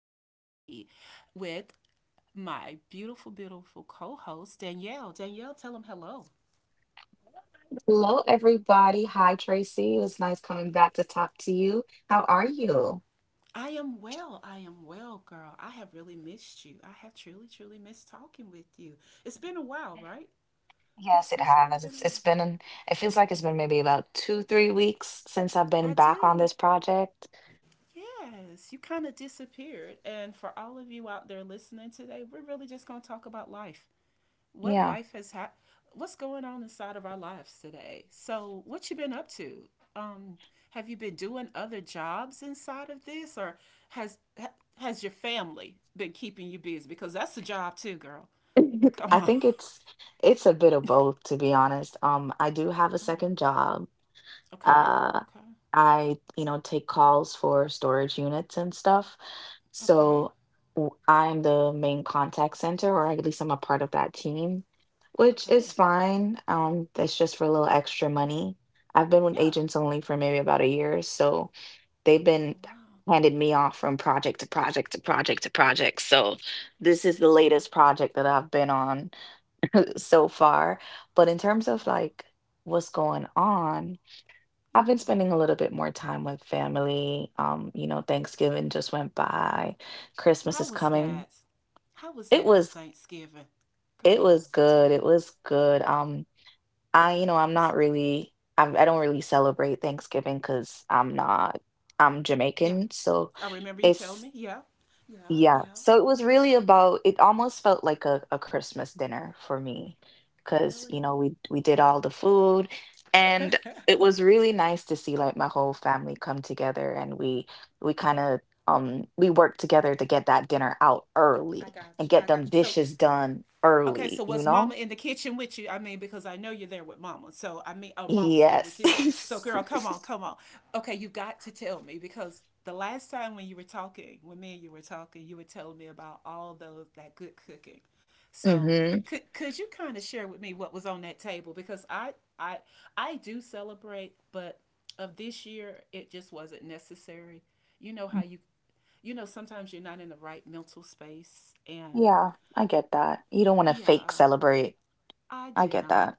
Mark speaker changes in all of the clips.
Speaker 1: This is Tracy with my beautiful, beautiful co host, Danielle. Danielle, tell them hello.
Speaker 2: Hello, everybody. Hi, Tracy. It was nice coming back to talk to you. How are you?
Speaker 1: I am well. I am well, girl. I have really missed you. I have truly, truly missed talking with you. It's been a while, right?
Speaker 2: Yes,
Speaker 1: It's,
Speaker 2: it
Speaker 1: it's really
Speaker 2: has.
Speaker 1: been a
Speaker 2: It's
Speaker 1: while.
Speaker 2: been it feels like it's been maybe about 2, 3 weeks since I've been
Speaker 1: I
Speaker 2: back on
Speaker 1: do.
Speaker 2: this project.
Speaker 1: Yes, you kind of disappeared. And for all of you out there listening today, we're really just going to talk about life. What
Speaker 2: Yeah.
Speaker 1: life has had What's going on inside of our lives today? So what you been up to? um have you been doing other jobs inside of this, or has your family been keeping you busy? Because that's a job too, girl. Come
Speaker 2: I
Speaker 1: on.
Speaker 2: think it's a bit of both, to be honest. I do have a
Speaker 1: Oh,
Speaker 2: second job.
Speaker 1: okay,
Speaker 2: Uh,
Speaker 1: okay,
Speaker 2: I take calls for storage units and stuff.
Speaker 1: okay,
Speaker 2: So I'm the main contact center, or at least I'm a part of that team, which is
Speaker 1: okay.
Speaker 2: fine. That's just for a little extra money. I've been with
Speaker 1: Yeah.
Speaker 2: agents only for maybe about a year, so they've been
Speaker 1: Wow,
Speaker 2: handed me off from project to project to project to project. So this is the
Speaker 1: wow,
Speaker 2: latest project that I've been on so far. But in terms of
Speaker 1: wow.
Speaker 2: like what's going on, I've been
Speaker 1: Yeah.
Speaker 2: spending a little bit more time with family. Thanksgiving just went by. Christmas
Speaker 1: How
Speaker 2: is
Speaker 1: was
Speaker 2: coming.
Speaker 1: that? How was
Speaker 2: It
Speaker 1: that with
Speaker 2: was
Speaker 1: Thanksgiving?
Speaker 2: it was
Speaker 1: Girl, tell
Speaker 2: good.
Speaker 1: me.
Speaker 2: It was good. I don't really celebrate Thanksgiving because I'm not I'm
Speaker 1: Yeah,
Speaker 2: Jamaican, so
Speaker 1: I remember you telling
Speaker 2: it's,
Speaker 1: me. Yeah, yeah,
Speaker 2: yeah,
Speaker 1: yeah.
Speaker 2: so it was really about it almost felt like a Christmas dinner for me because,
Speaker 1: Really?
Speaker 2: we did all the food,
Speaker 1: I
Speaker 2: and it was really nice to see, like, my whole family come together, and we kind of we worked together to get that dinner out early
Speaker 1: got
Speaker 2: and
Speaker 1: you. I
Speaker 2: get
Speaker 1: got
Speaker 2: them
Speaker 1: you. So
Speaker 2: dishes done
Speaker 1: okay, so
Speaker 2: early, you
Speaker 1: was mama
Speaker 2: know?
Speaker 1: in the kitchen with you? I mean, because I know you're there with mama. So, I mean, oh, mama's there with
Speaker 2: Yes.
Speaker 1: you. So, girl, come on, come on. Okay, you got to tell me, because the last time when you were talking, when me and you were talking, you were telling me about all those — that good cooking. So
Speaker 2: Mm-hmm.
Speaker 1: could you kind of share with me what was on that table? Because I I do celebrate, but of this year it just wasn't necessary. You know how you, sometimes you're not in the right mental space. And
Speaker 2: Yeah, I get that. You don't want to fake
Speaker 1: yeah,
Speaker 2: celebrate.
Speaker 1: I
Speaker 2: I
Speaker 1: did
Speaker 2: get that.
Speaker 1: not.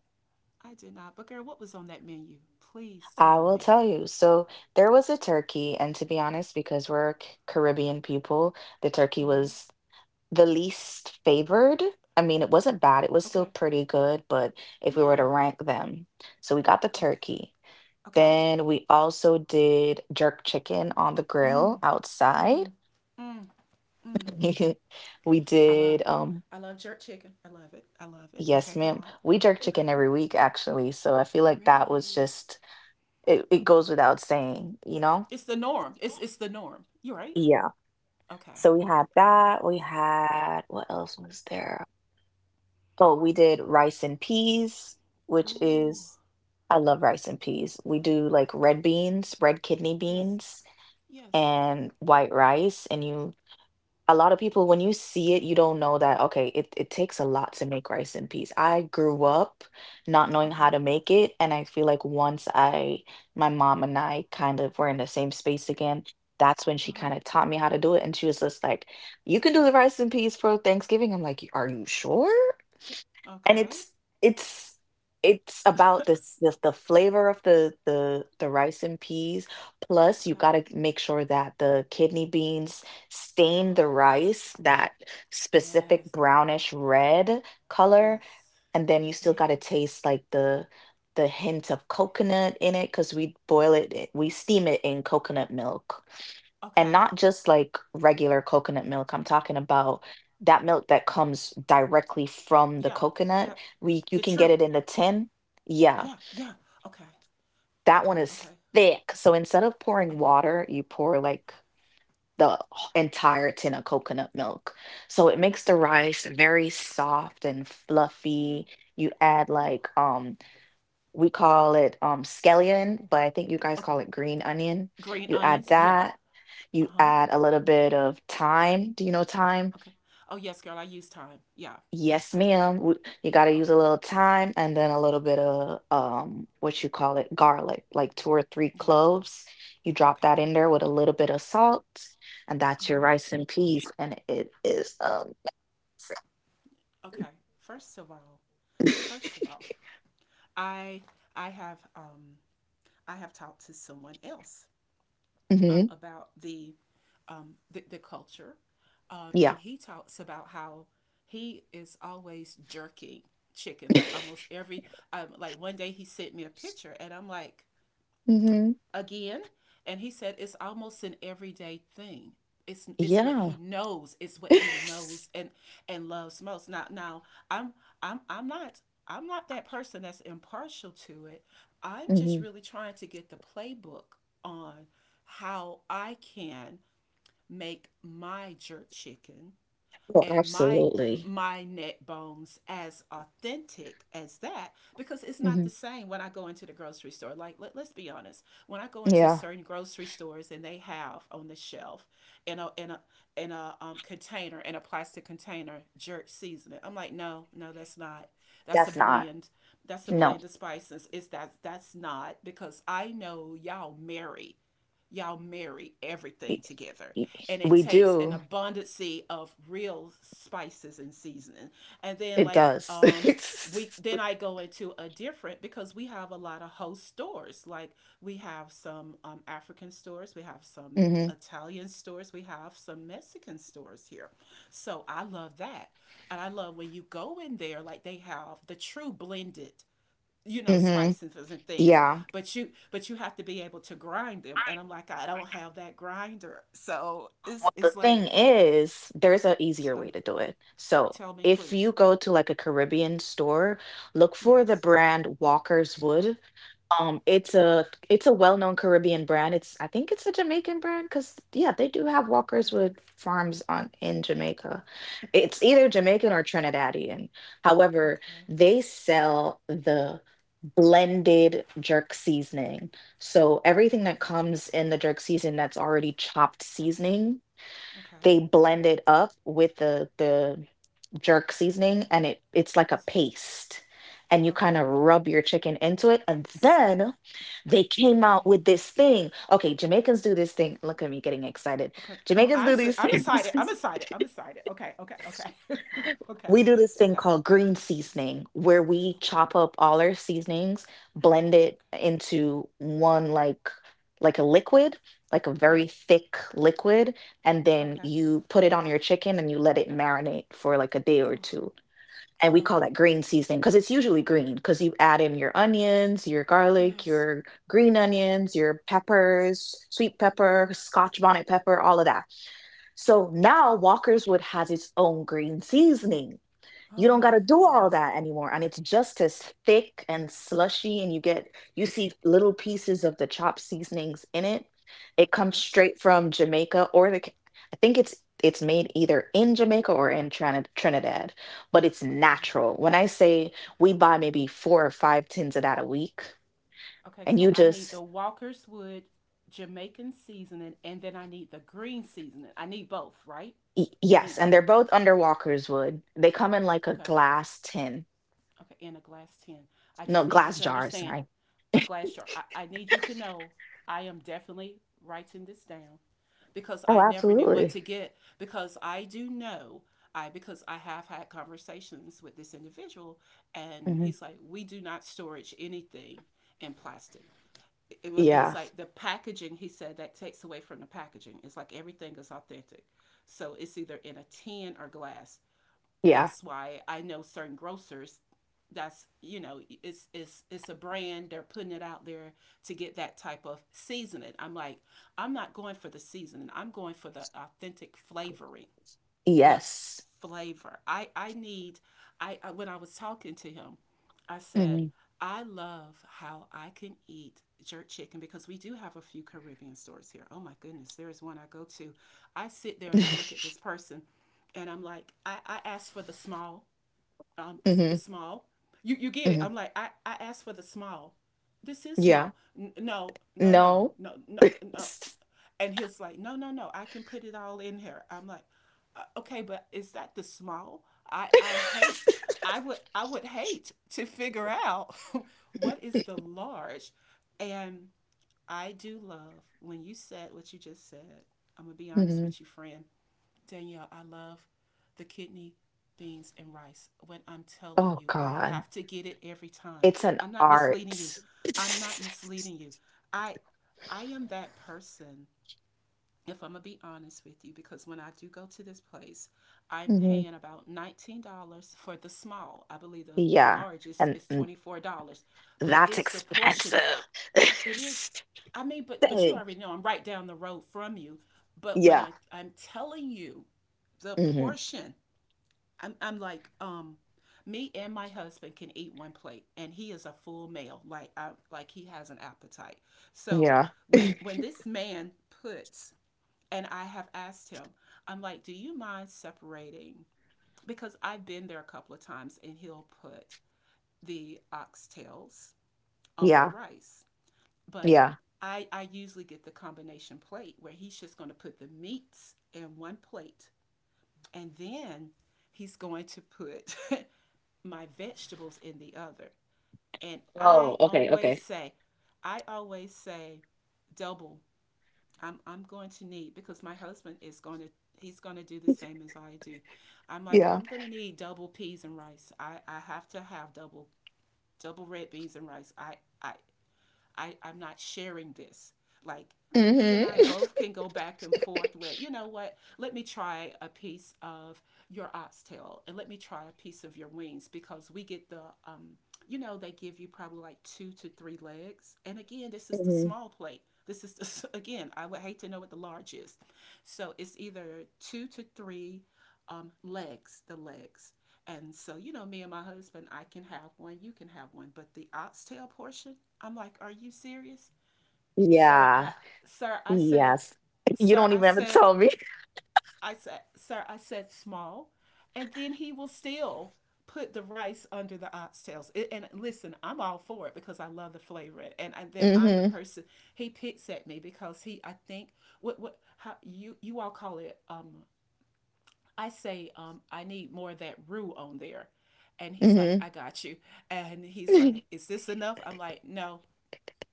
Speaker 1: I did not. But girl, what was on that menu? Please
Speaker 2: I
Speaker 1: tell
Speaker 2: will
Speaker 1: me.
Speaker 2: tell you. So there was a turkey, and to be honest, because we're Caribbean people, the turkey
Speaker 1: Uh huh.
Speaker 2: was the least favored. I mean, it wasn't bad, it was still
Speaker 1: Okay.
Speaker 2: pretty good, but if we were
Speaker 1: Yeah.
Speaker 2: to rank them, so we got the
Speaker 1: Okay.
Speaker 2: turkey.
Speaker 1: Okay.
Speaker 2: Then we also did jerk chicken on the grill
Speaker 1: Mm,
Speaker 2: outside.
Speaker 1: mm, mm, mm.
Speaker 2: We
Speaker 1: I love,
Speaker 2: did, um,
Speaker 1: I love jerk chicken. I love it. I love it. Okay,
Speaker 2: yes,
Speaker 1: come
Speaker 2: ma'am.
Speaker 1: on.
Speaker 2: We jerk chicken every week, actually. So I feel like
Speaker 1: Really?
Speaker 2: it
Speaker 1: Okay.
Speaker 2: goes without saying, you know?
Speaker 1: It's the norm. It's the norm. You right?
Speaker 2: Yeah.
Speaker 1: Okay.
Speaker 2: So
Speaker 1: All
Speaker 2: we
Speaker 1: right.
Speaker 2: had
Speaker 1: All right.
Speaker 2: that. We had What else was there? Oh, we did rice and peas, which
Speaker 1: Ooh.
Speaker 2: is I love rice and peas. We do like red beans, red kidney
Speaker 1: Yes.
Speaker 2: beans,
Speaker 1: Yes.
Speaker 2: and white rice. And you A lot of people, when you see it, you don't know that. Okay, it takes a lot to make rice in peace. I grew up not knowing how
Speaker 1: Okay.
Speaker 2: to make it, and I feel like once I my mom and I kind of were in the same space again, that's when she
Speaker 1: Uh
Speaker 2: kind of taught me how to do it. And she was just like, you can do the rice in peace for Thanksgiving. I'm like, are you sure?
Speaker 1: huh.
Speaker 2: And
Speaker 1: Okay.
Speaker 2: it's it's about this the flavor of the rice and peas, plus you
Speaker 1: okay.
Speaker 2: got to make sure that the kidney beans stain
Speaker 1: Uh-huh.
Speaker 2: the rice that specific
Speaker 1: Yes.
Speaker 2: brownish red color,
Speaker 1: Yes.
Speaker 2: and then you still got to
Speaker 1: Yes.
Speaker 2: taste like the hint of coconut in it because we steam it in coconut milk, and
Speaker 1: Okay.
Speaker 2: not just like regular coconut milk. I'm talking about that milk that comes directly from the
Speaker 1: Yeah.
Speaker 2: coconut.
Speaker 1: Yeah.
Speaker 2: We You
Speaker 1: The
Speaker 2: can get
Speaker 1: truth.
Speaker 2: it in the tin. Yeah,
Speaker 1: Yeah. Yeah. Okay.
Speaker 2: that
Speaker 1: Okay.
Speaker 2: one is
Speaker 1: Okay.
Speaker 2: thick. So instead of pouring
Speaker 1: Okay.
Speaker 2: water, you pour like the
Speaker 1: Okay.
Speaker 2: entire tin of coconut milk. So it makes the rice very soft and
Speaker 1: Ooh.
Speaker 2: fluffy. You add,
Speaker 1: Ooh.
Speaker 2: like, we call it, scallion, but I think you guys
Speaker 1: Okay.
Speaker 2: call it green onion.
Speaker 1: Green
Speaker 2: You add
Speaker 1: onions. Yeah.
Speaker 2: that,
Speaker 1: Uh
Speaker 2: you
Speaker 1: huh.
Speaker 2: add a little bit of thyme. Do you know thyme?
Speaker 1: Okay. Oh yes, girl. I use time. Yeah. Yes,
Speaker 2: Yes,
Speaker 1: I do.
Speaker 2: ma'am. You
Speaker 1: Yeah.
Speaker 2: got to use a
Speaker 1: Okay.
Speaker 2: little thyme and then a little bit of, what you call it, garlic, like two or three
Speaker 1: Yeah.
Speaker 2: cloves. You drop that
Speaker 1: Okay.
Speaker 2: in there with a little bit of salt, and
Speaker 1: Uh
Speaker 2: that's your
Speaker 1: huh.
Speaker 2: rice and peas, and it is
Speaker 1: Okay. First of all, first of all, I I have um I have talked to someone else
Speaker 2: hmm
Speaker 1: about the culture,
Speaker 2: yeah.
Speaker 1: and he talks about how he is always jerking chicken, like almost every — like one day he sent me a picture, and I'm like,
Speaker 2: hmm
Speaker 1: again. And he said it's almost an everyday thing. It's what
Speaker 2: Yeah.
Speaker 1: he knows. It's what he knows and loves most. Now, I'm I'm I'm not I'm not that person that's impartial to it. I'm just
Speaker 2: hmm
Speaker 1: really trying to get the playbook on how I can make my jerk chicken
Speaker 2: Oh,
Speaker 1: and my
Speaker 2: absolutely.
Speaker 1: my neck bones as authentic as that, because it's not the
Speaker 2: Hmm
Speaker 1: same when I go into the grocery store. Like, let's be honest, when I go into
Speaker 2: Yeah.
Speaker 1: certain grocery stores and they have on the shelf in a in a in a plastic container jerk seasoning, I'm like, no, no, that's not — that's a
Speaker 2: That's not.
Speaker 1: blend that's a
Speaker 2: No.
Speaker 1: blend of spices. It's that That's not, because I know y'all marry everything
Speaker 2: Y-
Speaker 1: together,
Speaker 2: y-
Speaker 1: and it
Speaker 2: We
Speaker 1: takes an
Speaker 2: do.
Speaker 1: abundance of real spices and seasoning. And then
Speaker 2: It
Speaker 1: like
Speaker 2: does.
Speaker 1: we then I go into a different — because we have a lot of host stores. Like, we have some African stores, we have some
Speaker 2: Mhm,
Speaker 1: Italian stores, we have some Mexican stores here. So I love that, and I love when you go in there. Like, they have the true blended, you know,
Speaker 2: mhm.
Speaker 1: spices and things,
Speaker 2: Yeah.
Speaker 1: but you have to be able to grind them, and I'm like, I don't have that grinder. So it's
Speaker 2: Well, the
Speaker 1: it's like —
Speaker 2: thing is, there's an easier
Speaker 1: tell
Speaker 2: way to do it. So
Speaker 1: tell me,
Speaker 2: if you
Speaker 1: please.
Speaker 2: go to, like, a Caribbean store, look for the
Speaker 1: Yes.
Speaker 2: brand Walker's Wood. It's a well-known Caribbean brand. It's I think it's a Jamaican brand because, yeah, they do have Walkers
Speaker 1: Okay,
Speaker 2: with farms on in Jamaica. It's either
Speaker 1: okay,
Speaker 2: Jamaican or Trinidadian. However,
Speaker 1: okay,
Speaker 2: they sell the blended jerk seasoning. So everything that
Speaker 1: okay.
Speaker 2: comes in the jerk season that's already chopped seasoning,
Speaker 1: Okay.
Speaker 2: they blend it up with the jerk seasoning, and it's like a
Speaker 1: It's-
Speaker 2: paste. And you kind of
Speaker 1: okay.
Speaker 2: rub your chicken into it. And
Speaker 1: S-
Speaker 2: then they came out
Speaker 1: okay,
Speaker 2: with this thing. Okay, Jamaicans do this thing. Look at me getting excited.
Speaker 1: okay. Come on,
Speaker 2: Jamaicans
Speaker 1: i'm
Speaker 2: do
Speaker 1: i
Speaker 2: these
Speaker 1: i'm excited,
Speaker 2: things.
Speaker 1: I'm excited, I'm excited. Okay, okay, okay. Okay,
Speaker 2: We do this thing
Speaker 1: okay,
Speaker 2: called green seasoning, where we
Speaker 1: okay,
Speaker 2: chop up all our seasonings, blend it
Speaker 1: okay.
Speaker 2: into one, like a liquid, like a very
Speaker 1: Yes.
Speaker 2: thick liquid, and then
Speaker 1: Okay.
Speaker 2: you put it on your chicken and you let it marinate for like a day or
Speaker 1: Oh,
Speaker 2: two. And we
Speaker 1: girl.
Speaker 2: call that green seasoning because it's usually green, because you add in your onions, your garlic,
Speaker 1: Yes.
Speaker 2: your green onions, your peppers, sweet pepper, scotch bonnet pepper, all of that. So now Walker's Wood has its own green seasoning.
Speaker 1: Oh
Speaker 2: You don't
Speaker 1: my
Speaker 2: got to do all
Speaker 1: goodness.
Speaker 2: that anymore, and it's just as thick and slushy, and you see little pieces of the chopped seasonings in it. It comes
Speaker 1: Yes.
Speaker 2: straight from Jamaica or the I think it's made either in Jamaica or in Trinidad. But it's
Speaker 1: Okay.
Speaker 2: natural. When I say
Speaker 1: Okay,
Speaker 2: we buy maybe
Speaker 1: okay.
Speaker 2: four or five tins of that a week,
Speaker 1: Okay,
Speaker 2: and
Speaker 1: so
Speaker 2: you
Speaker 1: I need the
Speaker 2: just
Speaker 1: Walker's Wood Jamaican seasoning, and then I need the green seasoning. I need both, right? I need
Speaker 2: yes, and
Speaker 1: both.
Speaker 2: they're both under Walker's Wood, they come in like a
Speaker 1: Okay,
Speaker 2: glass tin,
Speaker 1: okay, in a glass tin. I
Speaker 2: no,
Speaker 1: just need you
Speaker 2: glass
Speaker 1: to
Speaker 2: jars,
Speaker 1: understand —
Speaker 2: sorry.
Speaker 1: a glass jar. I need you to know I am definitely writing this down, because
Speaker 2: Oh,
Speaker 1: I never knew what
Speaker 2: absolutely.
Speaker 1: to get. Because I do know. Because I have had conversations with this individual, and
Speaker 2: Hmm
Speaker 1: he's like, we do not storage anything in plastic. It was, it was
Speaker 2: yeah,
Speaker 1: like the packaging, he said, that takes away from the packaging. It's like everything is authentic, so it's either in a tin or glass.
Speaker 2: yeah.
Speaker 1: That's why I know certain grocers — that's, you know, it's a brand. They're putting it out there to get that type of seasoning. I'm like, I'm not going for the seasoning. I'm going for the authentic flavoring, the
Speaker 2: Yes.
Speaker 1: flavor. I need — I when I was talking to him, I said
Speaker 2: hmm
Speaker 1: I love how I can eat jerk chicken, because we do have a few Caribbean stores here. Oh my goodness, there is one I go to. I sit there and I look at this person, and I'm like, I asked for the small, the
Speaker 2: hmm
Speaker 1: small. You get it.
Speaker 2: hmm
Speaker 1: I'm like, I asked for the small. This is
Speaker 2: Yeah.
Speaker 1: small. N- no, no, no,
Speaker 2: No.
Speaker 1: no, no, no. And he's like, no, no, no, I can put it all in here. I'm like, okay, but is that the small? I, I hate, I would hate to figure out what is the large. And I do love when you said what you just said. I'm gonna be honest
Speaker 2: hmm
Speaker 1: with you, friend Danielle. I love the kidney beans and rice. When I'm telling
Speaker 2: Oh
Speaker 1: you, I
Speaker 2: God,
Speaker 1: have to get it every time.
Speaker 2: it's an
Speaker 1: I'm not misleading you.
Speaker 2: art.
Speaker 1: I'm not misleading you. I I am that person. If I'm gonna be honest with you, because when I do go to this place, I'm
Speaker 2: hmm
Speaker 1: paying about $19 for the small. I believe the
Speaker 2: Yeah,
Speaker 1: large
Speaker 2: and,
Speaker 1: is
Speaker 2: and
Speaker 1: $24. But
Speaker 2: that's
Speaker 1: it's the portion.
Speaker 2: expensive.
Speaker 1: It is — I mean, but you
Speaker 2: Dang.
Speaker 1: already know, I'm right down the road from you. But when
Speaker 2: Yeah.
Speaker 1: I'm telling you, the
Speaker 2: hmm
Speaker 1: portion, I'm like, me and my husband can eat one plate, and he is a full male. Like, I — like, he has an appetite. So
Speaker 2: Yeah.
Speaker 1: when when this man puts — and I have asked him, I'm like, do you mind separating? Because I've been there a couple of times and he'll put the oxtails on the
Speaker 2: Yeah.
Speaker 1: rice. But
Speaker 2: Yeah.
Speaker 1: I usually get the combination plate, where he's just going to put the meats in one plate, and then he's going to put my vegetables in the other. And
Speaker 2: Oh,
Speaker 1: I
Speaker 2: okay,
Speaker 1: always
Speaker 2: okay.
Speaker 1: say, I always say, double — I'm going to need, because my husband is going to — he's going to do the same as I do. I'm like,
Speaker 2: Yeah.
Speaker 1: I'm going to need double peas and rice. I have to have double — double red beans and rice. I I'm not sharing this. Like, he and I
Speaker 2: hmm
Speaker 1: both can go back and forth with, you know what, let me try a piece of your oxtail, and let me try a piece of your wings, because we get the, um, you know, they give you probably like two to three legs. And again, this is the
Speaker 2: hmm
Speaker 1: small plate. This is, the, again, I would hate to know what the large is. So it's either two to three legs, the legs. And so, you know, me and my husband, I can have one, you can have one, but the oxtail portion, I'm like, are you serious? Sir, I
Speaker 2: Yeah.
Speaker 1: sir, I said,
Speaker 2: Yes. You
Speaker 1: sir,
Speaker 2: don't
Speaker 1: I
Speaker 2: even have to
Speaker 1: said,
Speaker 2: tell me.
Speaker 1: sir, I said small. And then he will still put the rice under the oxtails. It — and listen, I'm all for it, because I love the flavor. And then I'm the
Speaker 2: hmm
Speaker 1: person — he picks at me, because he, I think, what how you all call it, I need more of that roux on there. And he's like,
Speaker 2: hmm
Speaker 1: I got you. And he's like, is this enough? I'm like, no,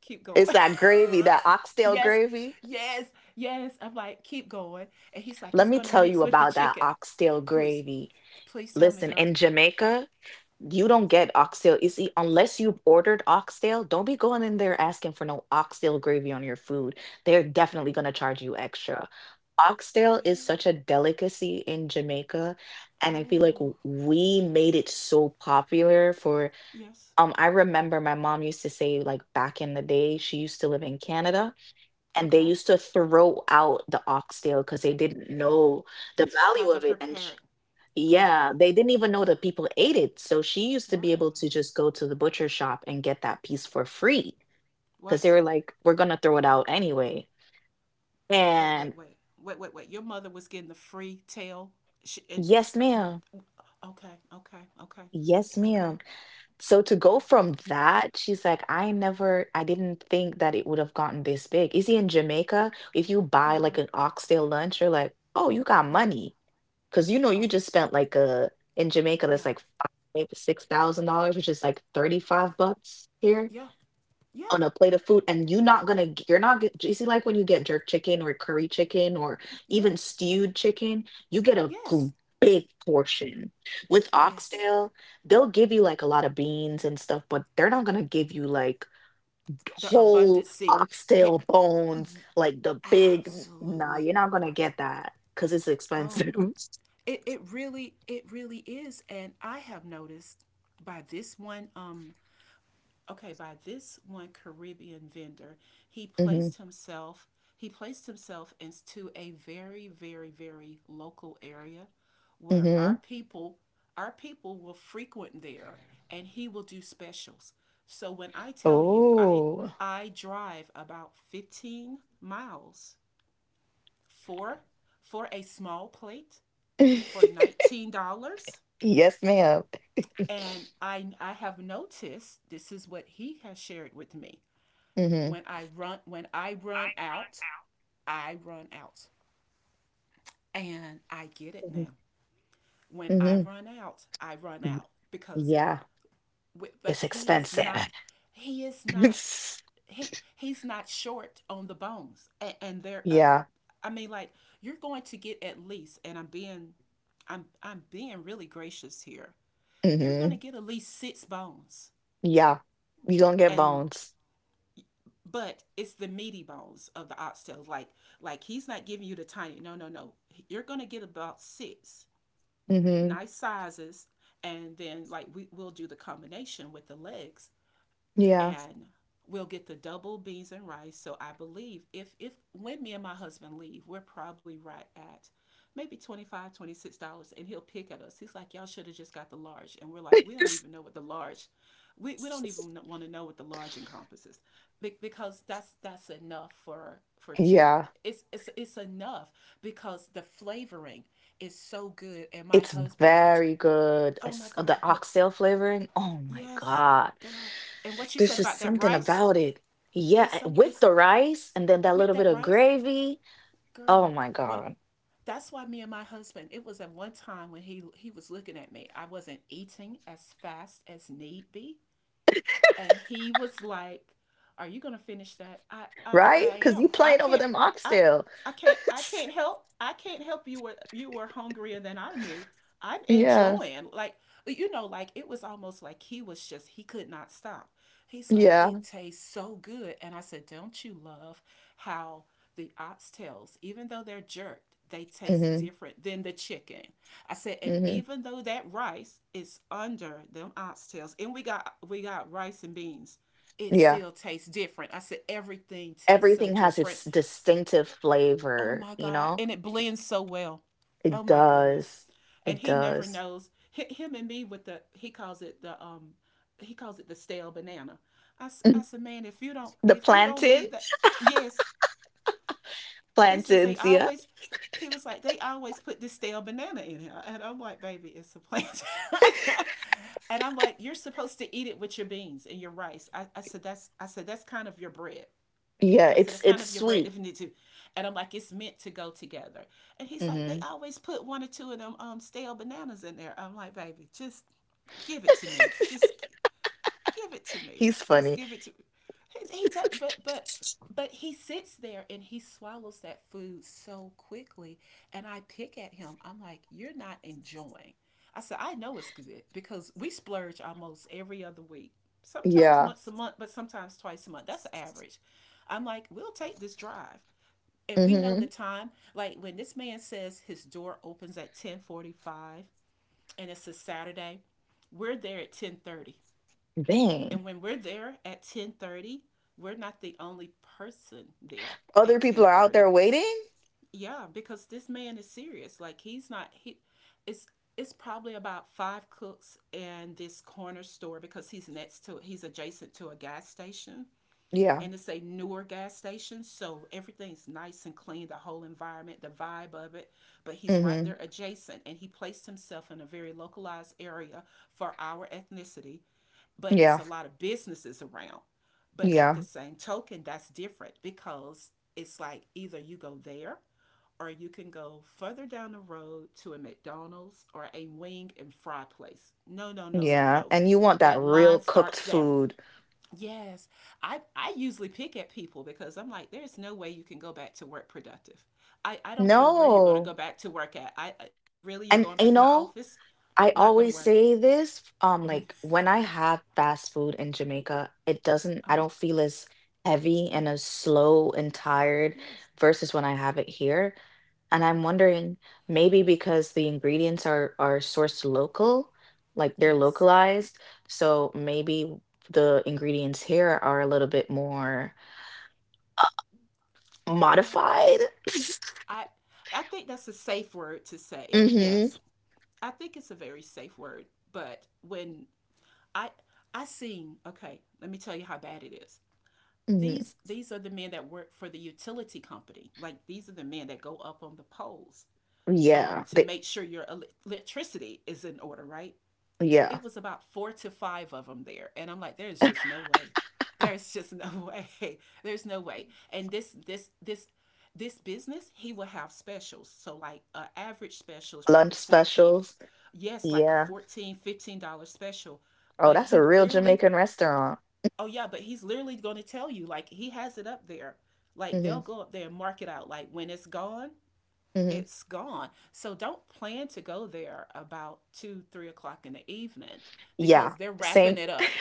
Speaker 1: keep going.
Speaker 2: It's that gravy, that oxtail
Speaker 1: Yes,
Speaker 2: gravy.
Speaker 1: yes, yes. I'm like, keep going. And he's like,
Speaker 2: Let
Speaker 1: it's
Speaker 2: me
Speaker 1: going to
Speaker 2: tell you
Speaker 1: mix with the
Speaker 2: about that
Speaker 1: chicken.
Speaker 2: oxtail
Speaker 1: Please,
Speaker 2: gravy.
Speaker 1: please tell me,
Speaker 2: Listen,
Speaker 1: girl.
Speaker 2: in Jamaica, you don't
Speaker 1: Yes.
Speaker 2: get oxtail. You see, unless you've ordered oxtail, don't be going in there asking for no oxtail gravy on your food. They're definitely going to charge you extra. Oxtail is
Speaker 1: Really?
Speaker 2: such a delicacy in Jamaica, and I feel like
Speaker 1: Oh,
Speaker 2: we made it so popular for
Speaker 1: yes.
Speaker 2: I remember my mom used to say, like, back in the day, she used to live in Canada, and they
Speaker 1: Okay.
Speaker 2: used to throw out the oxtail because they didn't know the
Speaker 1: How
Speaker 2: value
Speaker 1: to
Speaker 2: of it, and
Speaker 1: prepare
Speaker 2: sh
Speaker 1: it. Oh,
Speaker 2: yeah,
Speaker 1: God.
Speaker 2: they didn't even know that people ate it, so she used to
Speaker 1: Wow.
Speaker 2: be able to just go to the butcher shop and get that piece for free because they
Speaker 1: What?
Speaker 2: were like, we're gonna throw it out anyway.
Speaker 1: Wait, wait,
Speaker 2: And
Speaker 1: wait, wait, wait, wait. Your mother was getting the free tail. She, and,
Speaker 2: yes, ma'am.
Speaker 1: okay, okay, okay,
Speaker 2: Yes,
Speaker 1: okay,
Speaker 2: ma'am. So to go from
Speaker 1: okay.
Speaker 2: that, she's like, I didn't think that it would have gotten this big. Is he in Jamaica, if you buy like
Speaker 1: Yeah,
Speaker 2: an oxtail lunch, you're like, oh, you got
Speaker 1: yeah.
Speaker 2: money. Because, you know, you
Speaker 1: Oh,
Speaker 2: just spent like a in Jamaica
Speaker 1: yeah,
Speaker 2: that's like five, $6,000, which is like 35 bucks here
Speaker 1: yeah, yeah.
Speaker 2: on a plate of food, and you're not gonna g- you're not get you see, like, when you get jerk chicken or curry chicken or even
Speaker 1: Yes,
Speaker 2: stewed chicken, you get a
Speaker 1: yes,
Speaker 2: big portion. With
Speaker 1: yes.
Speaker 2: oxtail, they'll give you like a lot of beans and stuff, but they're not gonna give you like
Speaker 1: The abundant
Speaker 2: whole
Speaker 1: sea. Yeah,
Speaker 2: oxtail bones,
Speaker 1: ye-
Speaker 2: like the big. Nah,
Speaker 1: absolutely.
Speaker 2: you're not gonna get that because it's
Speaker 1: Oh,
Speaker 2: expensive.
Speaker 1: it, it really is. And I have noticed by this one okay, by this one Caribbean vendor, he
Speaker 2: hmm
Speaker 1: placed himself he placed himself into a very local area where
Speaker 2: hmm
Speaker 1: our people will frequent there, and he will do specials. So when I tell you, I
Speaker 2: Oh,
Speaker 1: I drive about 15 miles for for a small plate for $19.
Speaker 2: yes, ma'am.
Speaker 1: And I have noticed, this is what he has shared with me.
Speaker 2: Mm-hmm.
Speaker 1: When I run out, I run out. And I get it
Speaker 2: hmm
Speaker 1: now. When
Speaker 2: Mm-hmm.
Speaker 1: I run
Speaker 2: Mm,
Speaker 1: out because,
Speaker 2: yeah,
Speaker 1: but
Speaker 2: it's expensive.
Speaker 1: he is not he's not short on the bones. And they
Speaker 2: Yeah.
Speaker 1: I mean, like, you're going to get at least, and I'm being really gracious here. You're going to
Speaker 2: hmm
Speaker 1: get at least six bones.
Speaker 2: Yeah. You gonna get
Speaker 1: And
Speaker 2: bones.
Speaker 1: but it's the meaty bones of the oxtails. Like he's not giving you the tiny. No, no, no. You're gonna get about six
Speaker 2: Hmm
Speaker 1: nice sizes, and then like we will do the combination with the legs,
Speaker 2: Yeah.
Speaker 1: and we'll get the double beans and rice. So I believe if when me and my husband leave, we're probably right at maybe $25, $26. And he'll pick at us, he's like, y'all should have just got the large. And we're like, we don't even know what the large, we don't even want to know what the large encompasses. Because that's enough for two.
Speaker 2: Yeah.
Speaker 1: It's enough because the flavoring is so good. And my
Speaker 2: It's
Speaker 1: husband, which,
Speaker 2: Very good.
Speaker 1: oh my god,
Speaker 2: The
Speaker 1: what?
Speaker 2: oxtail flavoring. Oh my
Speaker 1: Yes,
Speaker 2: God.
Speaker 1: girl. And what you
Speaker 2: There's
Speaker 1: said
Speaker 2: just
Speaker 1: about that
Speaker 2: something
Speaker 1: rice,
Speaker 2: about it. Yeah,
Speaker 1: it's some
Speaker 2: with
Speaker 1: it's
Speaker 2: the rice and then that
Speaker 1: with
Speaker 2: little bit
Speaker 1: that
Speaker 2: of
Speaker 1: rice,
Speaker 2: gravy. Oh
Speaker 1: girl.
Speaker 2: my
Speaker 1: When,
Speaker 2: God.
Speaker 1: that's why me and my husband, it was at one time when he was looking at me. I wasn't eating as fast as need be. And he was like, are you gonna finish that? I I,
Speaker 2: Right?
Speaker 1: I
Speaker 2: Because you
Speaker 1: am. I
Speaker 2: playing over
Speaker 1: can't.
Speaker 2: them
Speaker 1: I
Speaker 2: oxtail.
Speaker 1: I can't help you were, you were hungrier than I knew. I'm
Speaker 2: yeah,
Speaker 1: enjoying, like, you know, like it was almost like he was just, he could not stop. He's like,
Speaker 2: yeah,
Speaker 1: it tastes so good. And I said, don't you love how the oxtails, even though they're jerked, they taste
Speaker 2: hmm
Speaker 1: different than the chicken. I said, and
Speaker 2: hmm
Speaker 1: even though that rice is under them oxtails, and we got rice and beans, it
Speaker 2: yeah.
Speaker 1: still tastes different. I said, everything tastes so
Speaker 2: Everything has
Speaker 1: different.
Speaker 2: its distinctive
Speaker 1: Oh
Speaker 2: flavor.
Speaker 1: my
Speaker 2: You
Speaker 1: God.
Speaker 2: know,
Speaker 1: And it blends so well. Oh
Speaker 2: it
Speaker 1: my goodness.
Speaker 2: does.
Speaker 1: And
Speaker 2: It
Speaker 1: he never
Speaker 2: does.
Speaker 1: knows, him and me, with the, he calls it the he calls it the stale banana. I I
Speaker 2: The
Speaker 1: said, man, if you don't, if you don't leave
Speaker 2: plantain,
Speaker 1: that, yes, he says they
Speaker 2: plantains. Yeah,
Speaker 1: always, he was like, they always put this stale banana in here. And I'm like, baby, it's a plant. And I'm like, you're supposed to eat it with your beans and your rice. I said that's, I said that's kind of your bread.
Speaker 2: yeah.
Speaker 1: So
Speaker 2: It's
Speaker 1: that's kind
Speaker 2: it's
Speaker 1: of your brand,
Speaker 2: sweet.
Speaker 1: if you need to. And I'm like, it's meant to go together. And he's like, they
Speaker 2: Hmm
Speaker 1: always put one or two of them stale bananas in there. I'm like, baby, just give it to me. Just give it to me.
Speaker 2: He's
Speaker 1: Just
Speaker 2: funny.
Speaker 1: give it to me. He does, but he sits there and he swallows that food so quickly. And I pick at him. I'm like, you're not enjoying. I said, I know it's good because we splurge almost every other week. Sometimes
Speaker 2: yeah.
Speaker 1: once a month, but sometimes twice a month. That's average. I'm like, we'll take this drive. And we know the
Speaker 2: hmm
Speaker 1: time. Like, when this man says his door opens at 10:45, and it's a Saturday, we're there at 10:30.
Speaker 2: Dang.
Speaker 1: And when we're there at 10:30, we're not the only person there
Speaker 2: Other
Speaker 1: at
Speaker 2: people are out
Speaker 1: 10:30.
Speaker 2: there waiting.
Speaker 1: Yeah, because this man is serious. Like, he's not he it's it's probably about five cooks and this corner store because he's next to, he's adjacent to a gas station.
Speaker 2: Yeah.
Speaker 1: And it's a newer gas station, so everything's nice and clean, the whole environment, the vibe of it. But he's right
Speaker 2: hmm
Speaker 1: there adjacent. And he placed himself in a very localized area for our ethnicity, but it's
Speaker 2: Yeah.
Speaker 1: a lot of businesses around. But at the
Speaker 2: Yeah.
Speaker 1: same token, that's different, because it's like either you go there or you can go further down the road to a McDonald's or a wing and fry place. No, no, no, no,
Speaker 2: Yeah.
Speaker 1: no.
Speaker 2: And you want that
Speaker 1: That
Speaker 2: real
Speaker 1: line
Speaker 2: cooked
Speaker 1: starts there.
Speaker 2: food.
Speaker 1: Yes. I usually pick at people because I'm like, there's no way you can go back to work productive. I don't care where you're going to
Speaker 2: No.
Speaker 1: go back to work at. I, really, you're going
Speaker 2: And,
Speaker 1: back in the
Speaker 2: you know,
Speaker 1: office?
Speaker 2: I
Speaker 1: Not going to
Speaker 2: always
Speaker 1: work.
Speaker 2: say this, like, when I have fast food in Jamaica, it doesn't,
Speaker 1: Uh
Speaker 2: I
Speaker 1: huh.
Speaker 2: don't feel as heavy
Speaker 1: Yeah.
Speaker 2: and as slow and tired
Speaker 1: Yes.
Speaker 2: versus when I have it here. And I'm
Speaker 1: Okay.
Speaker 2: wondering, maybe because the ingredients are sourced local, like they're
Speaker 1: Yes.
Speaker 2: localized, so maybe the ingredients here are a little bit more
Speaker 1: I
Speaker 2: modified.
Speaker 1: I I think that's a safe word to say.
Speaker 2: Mm-hmm.
Speaker 1: Yes, I think it's a very safe word. But when I I seen, okay, let me tell you how bad it is.
Speaker 2: hmm
Speaker 1: These are the men that work for the utility company. Like, these are the men that go up on the poles,
Speaker 2: Yeah.
Speaker 1: to make sure your electricity is in order, right?
Speaker 2: Yeah.
Speaker 1: It was about four to five of them there. And I'm like, there's just no way. There's just no way. There's no way. And this business, he will have specials. So like an average special is
Speaker 2: Lunch
Speaker 1: probably 14,
Speaker 2: specials.
Speaker 1: yes, like a
Speaker 2: Yeah.
Speaker 1: $14, $15 special.
Speaker 2: Oh,
Speaker 1: But
Speaker 2: that's
Speaker 1: he
Speaker 2: a real
Speaker 1: literally,
Speaker 2: Jamaican restaurant.
Speaker 1: oh yeah, but he's literally going to tell you, like, he has it up there. Like, they'll
Speaker 2: Mhm,
Speaker 1: go up there and mark it out. Like, when it's gone,
Speaker 2: mhm.
Speaker 1: it's gone. So don't plan to go there about two, 3 o'clock in the evening
Speaker 2: Yeah,
Speaker 1: because they're wrapping
Speaker 2: same.
Speaker 1: it up.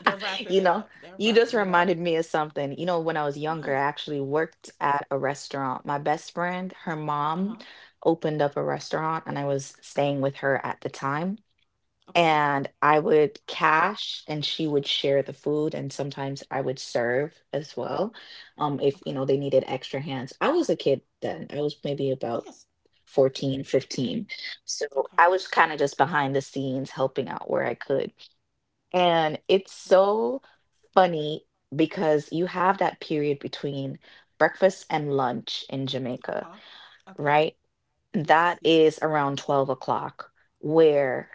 Speaker 1: They're wrapping
Speaker 2: You
Speaker 1: it
Speaker 2: know,
Speaker 1: up. They're
Speaker 2: you just
Speaker 1: wrapping it up.
Speaker 2: reminded me of something. You know, when I was younger, I
Speaker 1: What?
Speaker 2: actually worked at a restaurant. My best friend, her
Speaker 1: Uh
Speaker 2: mom
Speaker 1: huh.
Speaker 2: opened up a restaurant, and I was staying with her at the time.
Speaker 1: Okay.
Speaker 2: And I would cash, and she would share the food, and sometimes I would serve as well, if you
Speaker 1: Okay.
Speaker 2: know they needed extra hands. I was a kid then. I was maybe about
Speaker 1: Yes.
Speaker 2: 14, 15. So
Speaker 1: Okay.
Speaker 2: I was kind of just behind the scenes helping out where I could. And it's
Speaker 1: Okay.
Speaker 2: so funny because you have that period between breakfast and lunch in
Speaker 1: Uh
Speaker 2: Jamaica,
Speaker 1: huh. Okay.
Speaker 2: right?
Speaker 1: Yes.
Speaker 2: That
Speaker 1: Yes.
Speaker 2: is around 12 o'clock,
Speaker 1: Okay.
Speaker 2: where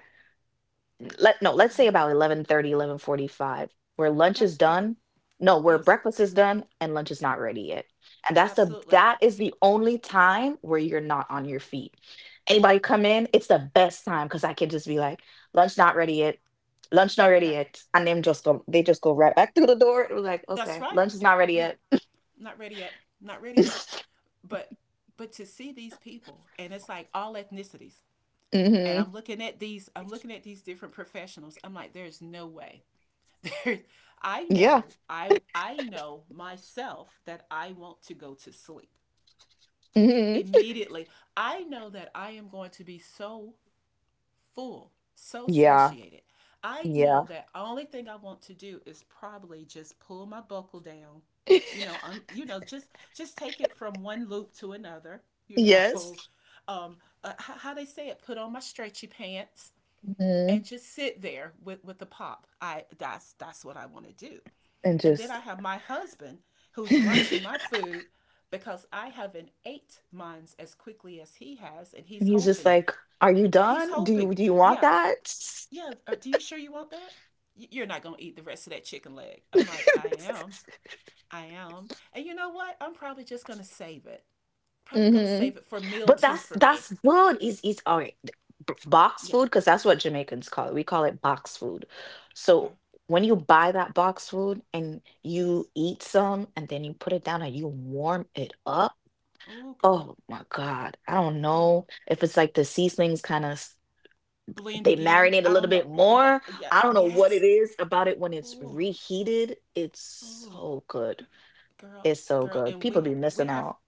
Speaker 2: let no let's
Speaker 1: Yeah.
Speaker 2: say about 11:30, 11:45, where lunch
Speaker 1: Okay.
Speaker 2: is
Speaker 1: Okay.
Speaker 2: done no where
Speaker 1: Yes.
Speaker 2: breakfast is done and lunch is not ready yet, and
Speaker 1: Absolutely.
Speaker 2: that is the only time where you're not on your feet. Anybody come in, it's the best time because I can just be like, lunch not ready yet, lunch not ready
Speaker 1: Okay.
Speaker 2: yet, and them just go they just go right back through the door. It was like,
Speaker 1: That's
Speaker 2: okay,
Speaker 1: right.
Speaker 2: lunch is not ready
Speaker 1: Yeah.
Speaker 2: yet.
Speaker 1: Not ready yet. Not ready yet. But but to see these people, and it's like all ethnicities, and
Speaker 2: Hmm,
Speaker 1: I'm looking at these, I'm looking at these different professionals. I'm like, there's no way. There's, I
Speaker 2: yeah.
Speaker 1: know, I know myself that I want to go to sleep
Speaker 2: Hmm,
Speaker 1: immediately. I know that I am going to be so full, so
Speaker 2: yeah,
Speaker 1: satiated. I know
Speaker 2: yeah.
Speaker 1: that the only thing I want to do is probably just pull my buckle down, you know, un, you know, just take it from one loop to another, you
Speaker 2: Yes.
Speaker 1: know. Um, how they say it, put on my stretchy pants and
Speaker 2: Hmm.
Speaker 1: just sit there with the pop. I, that's what I want to do.
Speaker 2: And
Speaker 1: And then I
Speaker 2: just
Speaker 1: have my husband who's watching my food because I haven't ate mine as quickly as he has, and
Speaker 2: and
Speaker 1: he's
Speaker 2: he's just
Speaker 1: hoping.
Speaker 2: like, "Are you
Speaker 1: He's
Speaker 2: done?
Speaker 1: hoping.
Speaker 2: Do you want
Speaker 1: Yeah,
Speaker 2: that?"
Speaker 1: yeah. Are, do you sure you want that? You're not gonna eat the rest of that chicken leg. I'm like, I am, I am. And you know what? I'm probably just gonna save it. Probably gonna
Speaker 2: Hmm.
Speaker 1: save it for meal
Speaker 2: But
Speaker 1: two
Speaker 2: that's
Speaker 1: for me.
Speaker 2: that's good. Is all right. b- Box food,
Speaker 1: Yes.
Speaker 2: because that's what Jamaicans call it. We call it box food.
Speaker 1: Okay.
Speaker 2: So when you buy that box food and you
Speaker 1: Yes.
Speaker 2: eat some and then you put it down and you warm it up.
Speaker 1: Oh, girl,
Speaker 2: Oh my God. I don't
Speaker 1: girl.
Speaker 2: know if it's like the seasonings kind of
Speaker 1: Blend
Speaker 2: they
Speaker 1: again.
Speaker 2: marinate a
Speaker 1: I
Speaker 2: little
Speaker 1: don't know.
Speaker 2: bit
Speaker 1: Oh, God!
Speaker 2: more.
Speaker 1: Yeah.
Speaker 2: I don't know what it
Speaker 1: Yes.
Speaker 2: is about it when it's
Speaker 1: Oh,
Speaker 2: reheated. It's
Speaker 1: oh,
Speaker 2: so good.
Speaker 1: girl,
Speaker 2: It's so
Speaker 1: girl.
Speaker 2: good.
Speaker 1: And
Speaker 2: People
Speaker 1: we
Speaker 2: be missing
Speaker 1: we have,
Speaker 2: out.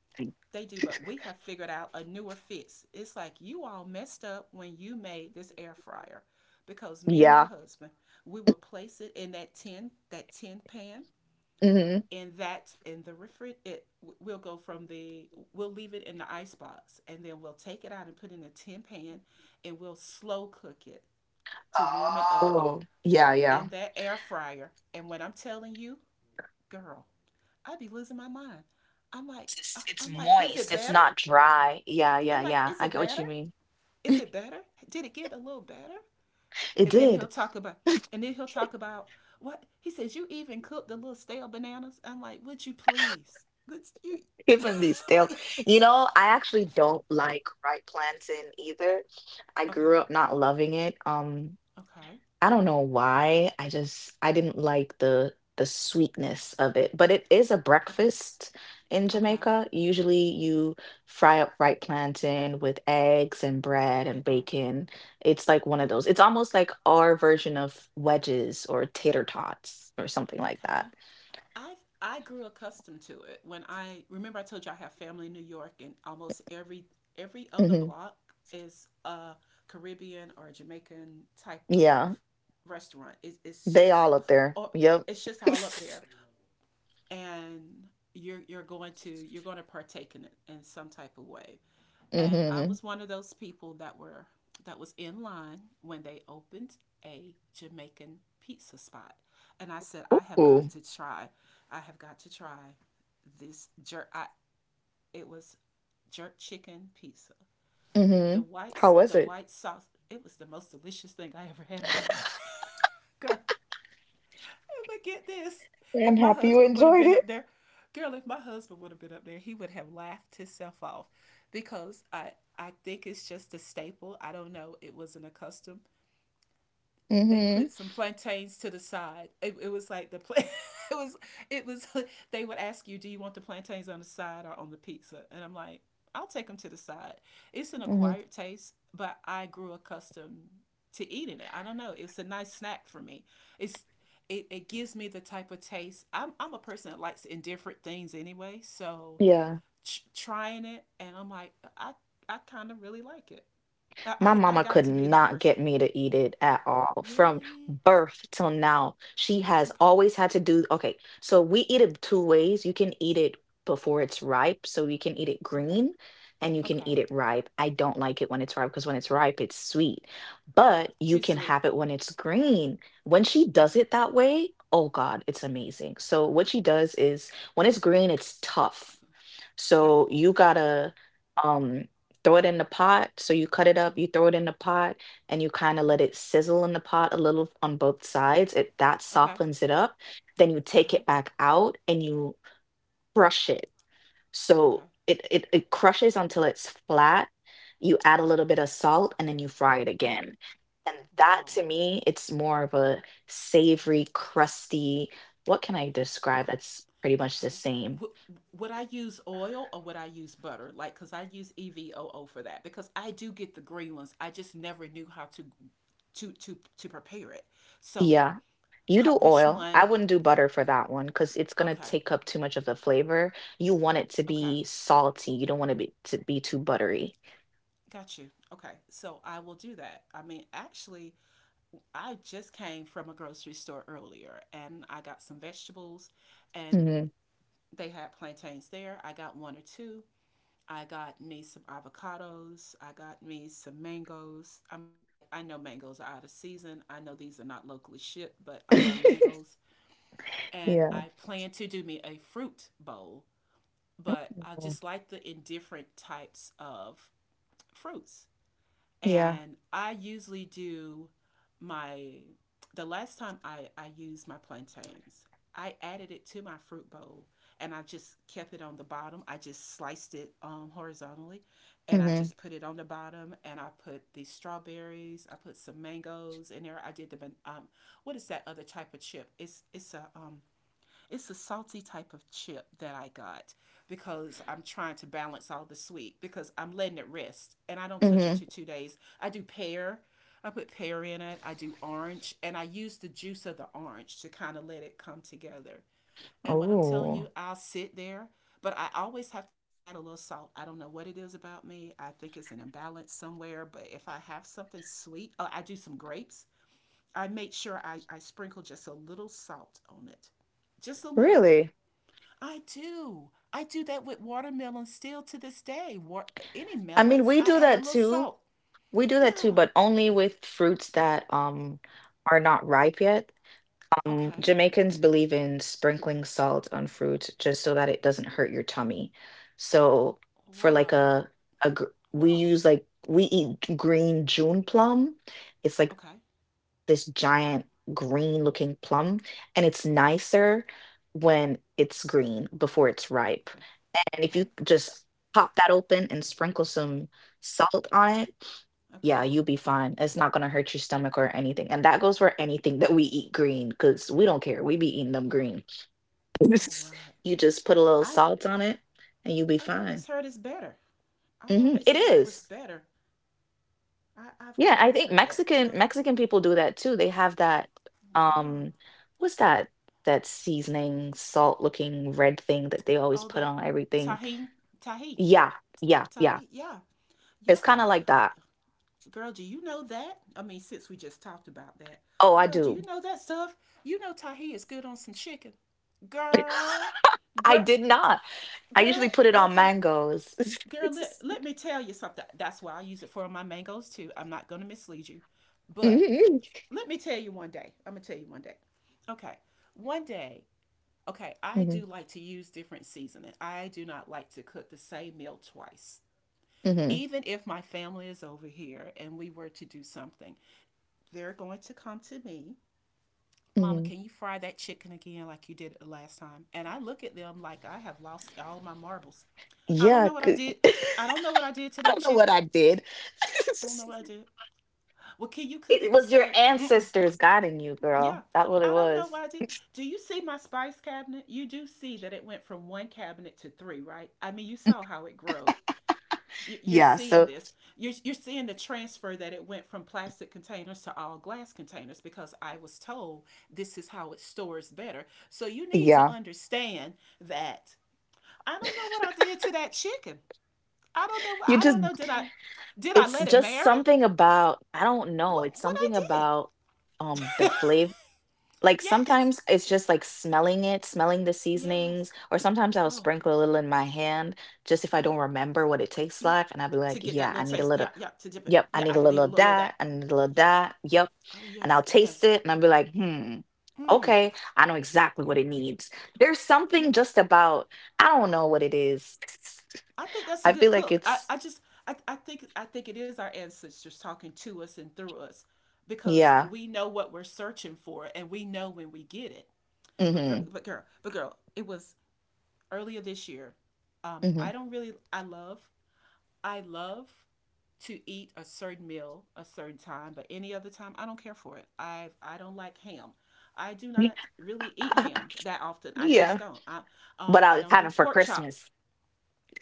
Speaker 1: they do, but we have figured out a newer fix. It's like, you all messed up when you made this air fryer, because me and my
Speaker 2: Yeah.
Speaker 1: husband, we would place it in that tin, that tin pan.
Speaker 2: Hmm.
Speaker 1: And that in the refri, it we'll go from the, we'll leave it in the ice box and then we'll take it out and put it in a tin pan and we'll slow cook it to warm it
Speaker 2: Oh,
Speaker 1: up
Speaker 2: oh, yeah,
Speaker 1: in
Speaker 2: yeah.
Speaker 1: that air fryer. And when I'm telling you, girl, I'd be losing my mind. I'm like,
Speaker 2: It's
Speaker 1: is it
Speaker 2: moist. It's
Speaker 1: better?
Speaker 2: not dry. Yeah,
Speaker 1: I'm
Speaker 2: yeah,
Speaker 1: like,
Speaker 2: yeah.
Speaker 1: is
Speaker 2: I
Speaker 1: it
Speaker 2: get what
Speaker 1: better?
Speaker 2: you mean.
Speaker 1: Is it better? Did it get a little better?
Speaker 2: It
Speaker 1: And then he'll
Speaker 2: did.
Speaker 1: talk about, and then he'll talk about what he says. You even cooked the little stale bananas. I'm like, would you please? Would you
Speaker 2: Even these stale.
Speaker 1: like?
Speaker 2: You know, I actually don't like right plantain either. I
Speaker 1: Okay,
Speaker 2: grew up not loving it.
Speaker 1: okay,
Speaker 2: I don't know why. I didn't like the sweetness of it. But it is a
Speaker 1: okay,
Speaker 2: breakfast in
Speaker 1: okay,
Speaker 2: Jamaica. Usually you fry up fried plantain with eggs and bread and
Speaker 1: okay.
Speaker 2: bacon. It's like one of
Speaker 1: Yeah,
Speaker 2: those. It's almost like our version of wedges or tater tots or something like
Speaker 1: okay.
Speaker 2: that.
Speaker 1: I grew accustomed to it. When, I remember I told you I have family in New York, and almost every other
Speaker 2: Hmm.
Speaker 1: block is a Caribbean or Jamaican type
Speaker 2: Yeah.
Speaker 1: of restaurant. It's
Speaker 2: They
Speaker 1: just,
Speaker 2: all up there.
Speaker 1: or
Speaker 2: Yep.
Speaker 1: it's just all up there. And you're going to, you're going to partake in it in some type of way. And I
Speaker 2: Hmm.
Speaker 1: was one of those people that were, that was in line when they opened a Jamaican pizza spot. And I said, I have got
Speaker 2: Ooh.
Speaker 1: to try, I have got to try this jerk. I, it was jerk chicken pizza.
Speaker 2: Hmm.
Speaker 1: The white,
Speaker 2: How was
Speaker 1: the
Speaker 2: it?
Speaker 1: white sauce. It was the most delicious thing I ever had in my life, girl. But get this.
Speaker 2: I'm
Speaker 1: If my
Speaker 2: happy you
Speaker 1: husband would have
Speaker 2: enjoyed
Speaker 1: been
Speaker 2: it.
Speaker 1: up there, girl, if my husband would have been up there, he would have laughed himself off because I think it's just a staple. I don't know. It wasn't a custom. They
Speaker 2: Hmm.
Speaker 1: put some plantains to the side. It was like the was it was they would ask you, "Do you want the plantains on the side or on the pizza?" And I'm like, "I'll take them to the side." It's an
Speaker 2: Hmm.
Speaker 1: acquired taste, but I grew accustomed to eating it. I don't know. It's a nice snack for me. It's it gives me the type of taste. I'm a person that likes indifferent things anyway, so
Speaker 2: Yeah.
Speaker 1: trying it and I'm like, I kind of really like it.
Speaker 2: My
Speaker 1: I
Speaker 2: mama
Speaker 1: got
Speaker 2: could
Speaker 1: to be that
Speaker 2: not get
Speaker 1: person.
Speaker 2: me to eat it at all from
Speaker 1: Really?
Speaker 2: birth till now. She has
Speaker 1: Okay.
Speaker 2: always had to do, okay, so we eat it two ways. You can eat it before it's ripe, so you can eat it
Speaker 1: Okay.
Speaker 2: green, and you can
Speaker 1: Okay.
Speaker 2: eat it ripe. I don't like it when it's ripe because when it's ripe, it's sweet,
Speaker 1: Yeah.
Speaker 2: but you
Speaker 1: Too
Speaker 2: can
Speaker 1: sweet.
Speaker 2: have it when it's green. When she
Speaker 1: Yeah.
Speaker 2: does it that way, oh God, it's amazing. So what she does is when it's green, it's tough.
Speaker 1: Okay.
Speaker 2: So you gotta um throw it in the pot. So you cut it up, you throw it in the pot, and you kind of let it sizzle in the pot a little on both sides. It That
Speaker 1: Okay.
Speaker 2: softens it up. Then you take
Speaker 1: Okay.
Speaker 2: it back out and you crush it.
Speaker 1: Okay.
Speaker 2: So it crushes until it's flat. You add a
Speaker 1: Okay.
Speaker 2: little bit of salt and then you fry it again. And that
Speaker 1: Wow.
Speaker 2: to me, it's more of a savory, crusty. What can I describe
Speaker 1: Okay.
Speaker 2: that's pretty much
Speaker 1: Okay.
Speaker 2: the same?
Speaker 1: W- would I use oil or would I use butter? Like, cause I use EVOO for that because I do get the green ones. I just never knew how to prepare it. So
Speaker 2: Yeah. You do
Speaker 1: which
Speaker 2: oil. I
Speaker 1: one?
Speaker 2: wouldn't do butter for that one because it's gonna
Speaker 1: Okay.
Speaker 2: take up too much of the flavor. You want it to
Speaker 1: Okay.
Speaker 2: be salty. You don't want to be too buttery.
Speaker 1: Got you. Okay. So I will do that. I mean, actually, I just came from a grocery store earlier and I got some vegetables, and
Speaker 2: Hmm.
Speaker 1: they had plantains there. I got one or two. I got me some avocados. I got me some mangoes. I'm like, I know mangoes are out of season. I know these are not locally shipped, but I love mangoes. And
Speaker 2: Yeah.
Speaker 1: I plan to do me a fruit bowl, but I
Speaker 2: Mhm.
Speaker 1: just like the indifferent types of fruits,
Speaker 2: Yeah.
Speaker 1: and I usually do my the last time I used my plantains, I added it to my fruit bowl and I just kept it on the bottom. I just sliced it horizontally and I just
Speaker 2: Hmm.
Speaker 1: put it on the bottom and I put the strawberries, I put some mangoes in there. I did the um what is that other type of chip? It's a it's a salty type of chip that I got because I'm trying to balance all the sweet because I'm letting it rest and I don't touch it
Speaker 2: Hmm.
Speaker 1: to 2 days. I do pear. I put pear in it. I do orange and I use the juice of the orange to kind of let it come together. And when I'm telling you,
Speaker 2: Oh,
Speaker 1: I'll sit there, but I always have to add a little salt. I don't know what it is about me. I think it's an imbalance somewhere, but if I have something sweet, oh, I do some grapes. I make sure I sprinkle just a little salt on it. Just a little.
Speaker 2: really?
Speaker 1: I do. I do that with watermelon still to this day. Any
Speaker 2: I mean,
Speaker 1: melons,
Speaker 2: we
Speaker 1: I
Speaker 2: do
Speaker 1: add a
Speaker 2: that
Speaker 1: little
Speaker 2: too.
Speaker 1: salt. Yeah.
Speaker 2: But only with fruits that are not ripe yet.
Speaker 1: Okay.
Speaker 2: Jamaicans believe in sprinkling salt on fruit just so that it doesn't hurt your tummy. So for like
Speaker 1: Wow.
Speaker 2: a gr- we
Speaker 1: Wow.
Speaker 2: use like we eat g- green June plum. It's like this
Speaker 1: Okay.
Speaker 2: giant green looking plum, and it's nicer
Speaker 1: Okay.
Speaker 2: when it's green before it's ripe.
Speaker 1: Okay.
Speaker 2: And if you
Speaker 1: Okay.
Speaker 2: just pop that open and sprinkle some salt on it, yeah,
Speaker 1: Okay.
Speaker 2: you'll be fine. It's not gonna hurt your stomach or anything, and that goes for anything that we eat green because we don't care, we be eating them green.
Speaker 1: All
Speaker 2: It's-
Speaker 1: right.
Speaker 2: You just put a little
Speaker 1: I
Speaker 2: salt on it, and you'll be
Speaker 1: I've
Speaker 2: fine.
Speaker 1: always heard it's better. I've
Speaker 2: Mhm,
Speaker 1: always
Speaker 2: it
Speaker 1: heard it was
Speaker 2: is.
Speaker 1: better. I've
Speaker 2: Yeah, I
Speaker 1: always
Speaker 2: think
Speaker 1: heard that. My,
Speaker 2: Mexican people do that too. They have that,
Speaker 1: yeah.
Speaker 2: um what's that seasoning, salt-looking red thing that they always
Speaker 1: All
Speaker 2: put
Speaker 1: that
Speaker 2: on everything?
Speaker 1: tahini, tahi,
Speaker 2: Yeah, yeah, yeah.
Speaker 1: tahi. Yeah.
Speaker 2: It's kinda
Speaker 1: Yeah.
Speaker 2: like that.
Speaker 1: Girl, do you know that? I mean, since we just talked about that,
Speaker 2: Oh, I
Speaker 1: girl, do
Speaker 2: do.
Speaker 1: you know that stuff? You know Tahi is good on some chicken. Girl,
Speaker 2: I
Speaker 1: girl,
Speaker 2: did not. I usually
Speaker 1: girl,
Speaker 2: put it on
Speaker 1: okay.
Speaker 2: mangoes.
Speaker 1: Girl, let me tell you something. That's why I use it for my mangoes too. I'm not going to mislead you. But
Speaker 2: Mhm.
Speaker 1: let me tell you one day. I'm going to tell you one day. Okay. One day, okay, I
Speaker 2: Mhm.
Speaker 1: do like to use different seasoning. I do not like to cook the same meal twice.
Speaker 2: Mhm.
Speaker 1: Even if my family is over here and we were to do something, they're going to come to me. Mama,
Speaker 2: Mhm.
Speaker 1: can you fry that chicken again like you did it the last time? And I look at them like I have lost all my marbles. I don't
Speaker 2: Yeah,
Speaker 1: know what I
Speaker 2: c-
Speaker 1: did. I don't know what I did to
Speaker 2: I
Speaker 1: that
Speaker 2: don't know what
Speaker 1: chicken.
Speaker 2: I did.
Speaker 1: I don't know what I did. Well, can you cook
Speaker 2: It
Speaker 1: it the
Speaker 2: was your
Speaker 1: same?
Speaker 2: ancestors guiding you,
Speaker 1: Yeah.
Speaker 2: girl. That's what it
Speaker 1: I don't know
Speaker 2: was.
Speaker 1: what I did. Do you see my spice cabinet? You do see that it went from one cabinet to three, right? I mean, you saw how it grew. Are
Speaker 2: Yeah,
Speaker 1: seeing
Speaker 2: so
Speaker 1: this you're seeing the transfer that it went from plastic containers to all glass containers because I was told this is how it stores better, so you need to
Speaker 2: yeah.
Speaker 1: understand that I don't know what I did to that chicken. I don't know.
Speaker 2: You
Speaker 1: I
Speaker 2: just
Speaker 1: don't know. Did I did I
Speaker 2: it's
Speaker 1: let it
Speaker 2: just
Speaker 1: marry
Speaker 2: something about I don't know, it's
Speaker 1: what I
Speaker 2: something
Speaker 1: did.
Speaker 2: about the flavor. Like
Speaker 1: Yes.
Speaker 2: sometimes it's just like smelling it, smelling the
Speaker 1: Yes.
Speaker 2: seasonings, or sometimes I'll
Speaker 1: Oh
Speaker 2: sprinkle a little in my hand just if I
Speaker 1: yeah.
Speaker 2: don't remember what it tastes
Speaker 1: Yeah,
Speaker 2: like. And I'll be
Speaker 1: to
Speaker 2: like,
Speaker 1: get that
Speaker 2: yeah,
Speaker 1: little
Speaker 2: I need a
Speaker 1: taste. Yeah,
Speaker 2: little,
Speaker 1: yeah, to dip it.
Speaker 2: yep, I
Speaker 1: Yeah,
Speaker 2: need
Speaker 1: I
Speaker 2: a
Speaker 1: can
Speaker 2: little
Speaker 1: eat a
Speaker 2: of
Speaker 1: little of
Speaker 2: that,
Speaker 1: that.
Speaker 2: I need a little of
Speaker 1: Yes.
Speaker 2: that, yep.
Speaker 1: Oh,
Speaker 2: And I'll
Speaker 1: yes.
Speaker 2: taste
Speaker 1: Yes.
Speaker 2: it and I'll be like, hmm,
Speaker 1: Mm,
Speaker 2: okay, I know exactly what it needs. There's
Speaker 1: yeah,
Speaker 2: something just about, I don't know what it is.
Speaker 1: I think that's a
Speaker 2: I feel
Speaker 1: good
Speaker 2: like
Speaker 1: cook.
Speaker 2: it's,
Speaker 1: I just I I think it is our ancestors talking to us and through us because
Speaker 2: yeah.
Speaker 1: we know what we're searching for and we know when we get it. But girl,
Speaker 2: Hmm.
Speaker 1: but girl, but girl, it was earlier this year.
Speaker 2: Hmm.
Speaker 1: I don't really I love to eat a certain meal a certain time, but any other time I don't care for it. I don't like ham. I do not really eat ham that often. I just
Speaker 2: Yeah.
Speaker 1: don't.
Speaker 2: But
Speaker 1: I
Speaker 2: I'll
Speaker 1: don't
Speaker 2: have
Speaker 1: do
Speaker 2: it for
Speaker 1: pork chop.
Speaker 2: Christmas.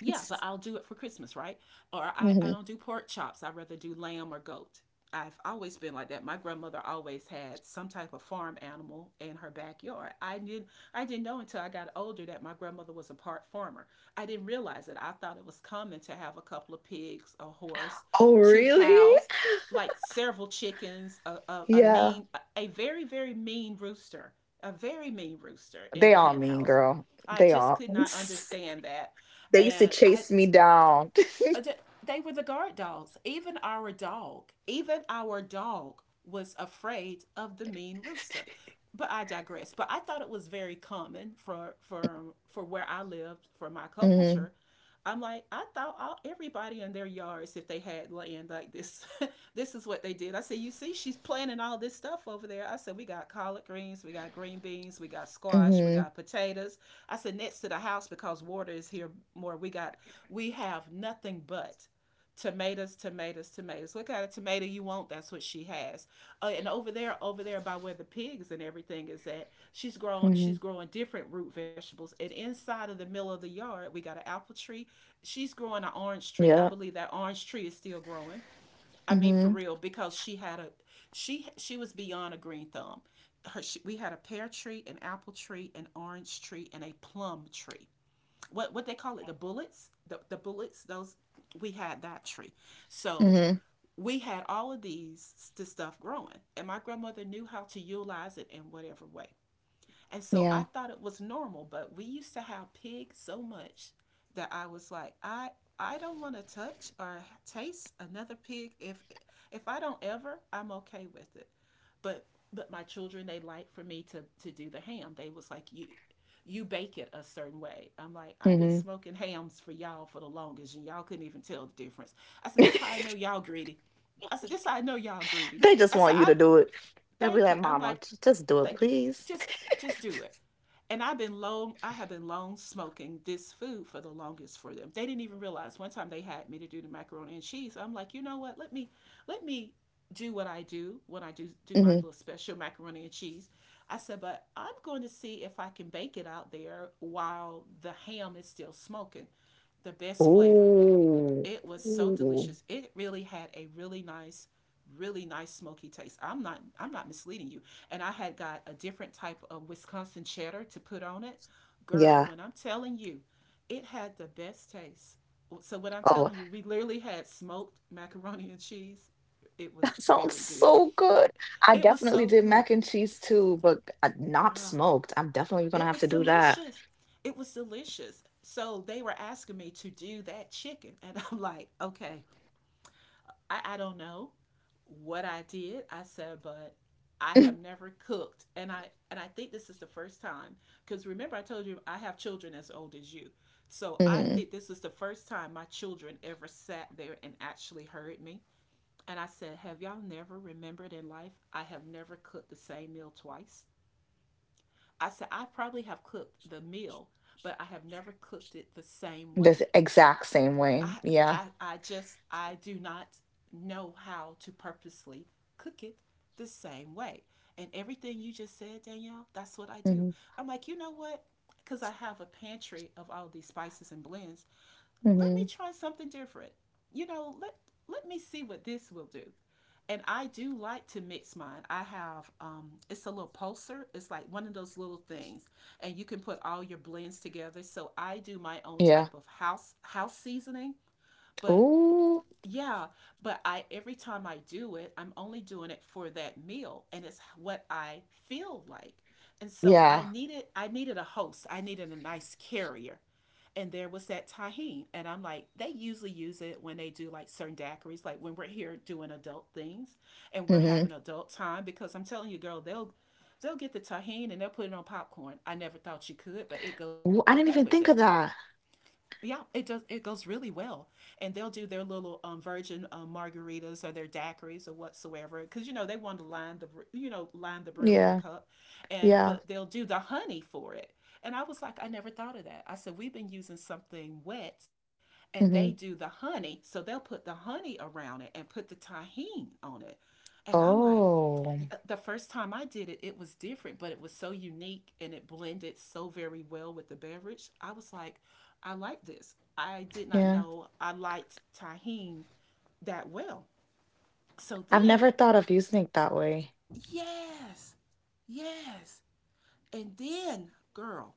Speaker 1: Yeah, but I'll do it for Christmas, right? Or I
Speaker 2: Hmm.
Speaker 1: don't do pork chops. I'd rather do lamb or goat. I've always been like that. My grandmother always had some type of farm animal in her backyard. I didn't know until I got older that my grandmother was a part farmer. I didn't realize it. I thought it was common to have a couple of pigs, a horse,
Speaker 2: Oh,
Speaker 1: two
Speaker 2: really?
Speaker 1: cows, like several chickens,
Speaker 2: Yeah.
Speaker 1: a very, very mean rooster. A very mean rooster in
Speaker 2: They
Speaker 1: the
Speaker 2: all
Speaker 1: hen
Speaker 2: mean,
Speaker 1: house.
Speaker 2: girl.
Speaker 1: I
Speaker 2: They
Speaker 1: just
Speaker 2: all.
Speaker 1: could not understand that,
Speaker 2: They used to
Speaker 1: and
Speaker 2: chase me down.
Speaker 1: uh, they were the guard dogs. Even our dog was afraid of the mean rooster. But I digress. But I thought it was very common for for where I lived, for my culture.
Speaker 2: Mm
Speaker 1: I'm like, I thought all everybody in their yards, if they had land like this, this is what they did. I said, you see, she's planting all this stuff over there. I said, we got collard greens, we got green beans, we got squash, we
Speaker 2: hmm. Mm
Speaker 1: got potatoes. I said, next to the house because water is here more. We have nothing but tomatoes, tomatoes, tomatoes. What kind of tomato you want? That's what she has. And over there by where the pigs and everything is at,
Speaker 2: hmm.
Speaker 1: she's
Speaker 2: Mm
Speaker 1: growing different root vegetables. And inside of the middle of the yard, we got an apple tree. She's growing an orange
Speaker 2: hmm.
Speaker 1: tree. I
Speaker 2: Yeah.
Speaker 1: believe that orange tree is still growing. I
Speaker 2: Mm
Speaker 1: mean for
Speaker 2: hmm.
Speaker 1: real because she was beyond a green thumb. We had a pear tree, an apple tree, an orange tree, and a plum tree. What they call it, the bullets, the bullets, those we had that tree. So
Speaker 2: Mm
Speaker 1: we had all of these this stuff growing, and my grandmother knew how to utilize it in whatever way, and
Speaker 2: hmm.
Speaker 1: so I
Speaker 2: Yeah.
Speaker 1: thought it was normal, but we used to have pig so much that I was like, I don't want to touch or taste another pig. If I don't ever, I'm okay with it. But but my children, they like for me to do the ham. They was like, you bake it a certain way. I'm like, I've been
Speaker 2: Mm
Speaker 1: smoking hams for y'all for the longest, and y'all couldn't even tell the difference. I said,
Speaker 2: hmm.
Speaker 1: this how I know y'all greedy. I said, this how I know y'all greedy.
Speaker 2: They just
Speaker 1: I said,
Speaker 2: want you
Speaker 1: I
Speaker 2: to do it. They'll be
Speaker 1: thank you.
Speaker 2: like,
Speaker 1: I'm
Speaker 2: Mama,
Speaker 1: like,
Speaker 2: j- just do it,
Speaker 1: thank you.
Speaker 2: please.
Speaker 1: Just just do it. And I have been long smoking this food for the longest for them. They didn't even realize one time they had me to do the macaroni and cheese. I'm like, you know what? Let me do what I do when I do do my
Speaker 2: Mm
Speaker 1: little special macaroni and cheese. I said, but I'm going to see if I can bake it out there while the ham is still smoking. The
Speaker 2: hmm.
Speaker 1: best flavor.
Speaker 2: Ooh.
Speaker 1: It was so
Speaker 2: Ooh.
Speaker 1: delicious. It really had a really nice smoky taste. I'm not misleading you. And I had got a different type of Wisconsin cheddar to put on it. Girl,
Speaker 2: Yeah.
Speaker 1: when I'm telling you, it had the best taste. So what I'm
Speaker 2: Oh,
Speaker 1: telling you, we literally had smoked macaroni and cheese. It was
Speaker 2: that sounds
Speaker 1: very good.
Speaker 2: so good. I
Speaker 1: It was
Speaker 2: definitely
Speaker 1: so
Speaker 2: did
Speaker 1: good.
Speaker 2: mac and cheese too, but not
Speaker 1: Girl,
Speaker 2: smoked. I'm definitely going to
Speaker 1: it
Speaker 2: have
Speaker 1: was
Speaker 2: to do that.
Speaker 1: delicious. It was delicious. So they were asking me to do that chicken and I'm like, "Okay, I don't know what I did. I said, but I have never cooked, and I think this is the first time because remember I told you I have children as old as you, so I
Speaker 2: Mm
Speaker 1: think this is the first time my children ever sat there and actually heard me. And I said, have y'all never remembered in life I have never cooked the same meal twice? I said I probably have cooked the meal, but I have never cooked it the same
Speaker 2: hmm.
Speaker 1: way.
Speaker 2: The exact same way.
Speaker 1: I
Speaker 2: Yeah.
Speaker 1: I do not know how to purposely cook it the same way. And everything you just said, Danielle, that's what I do.
Speaker 2: Mm-hmm.
Speaker 1: I'm like, you know what? Because I have a pantry of all these spices and blends. Let me
Speaker 2: Hmm.
Speaker 1: try something different. You know, let me see what this will do. And I do like to mix mine. I have it's a little pulser. It's like one of those little things, and you can put all your blends together. So I do my own
Speaker 2: Yeah.
Speaker 1: type of house seasoning but
Speaker 2: Ooh.
Speaker 1: yeah, but I every time I do it, I'm only doing it for that meal and it's what I feel like. And so I
Speaker 2: Yeah.
Speaker 1: needed I needed a host. I needed a nice carrier. And there was that tahine. And I'm like, they usually use it when they do like certain daiquiris, like when we're here doing adult things and we're
Speaker 2: Hmm.
Speaker 1: having adult time because I'm telling you, girl, they'll get the tahine and they'll put it on popcorn. I never thought you could, but it goes
Speaker 2: Ooh,
Speaker 1: okay
Speaker 2: I didn't
Speaker 1: with
Speaker 2: even
Speaker 1: it.
Speaker 2: think of that.
Speaker 1: Yeah, it does. It goes really well, and they'll do their little virgin margaritas or their daiquiris or whatsoever, because you know they want to line the line the brim of the
Speaker 2: Yeah.
Speaker 1: cup, and
Speaker 2: Yeah.
Speaker 1: but they'll do the honey for it. And I was like, I never thought of that. I said we've been using something wet, and they
Speaker 2: Hmm.
Speaker 1: do the honey, so they'll put the honey around it and put the tahini on it, and I'm like,
Speaker 2: Oh,
Speaker 1: the first time I did it, it was different, but it was so unique and it blended so very well with the beverage. I was like, I like this. I did not
Speaker 2: yeah.
Speaker 1: know I liked tahine that well. So
Speaker 2: I've never
Speaker 1: then,
Speaker 2: thought of using it that way.
Speaker 1: yes, yes. And then, girl,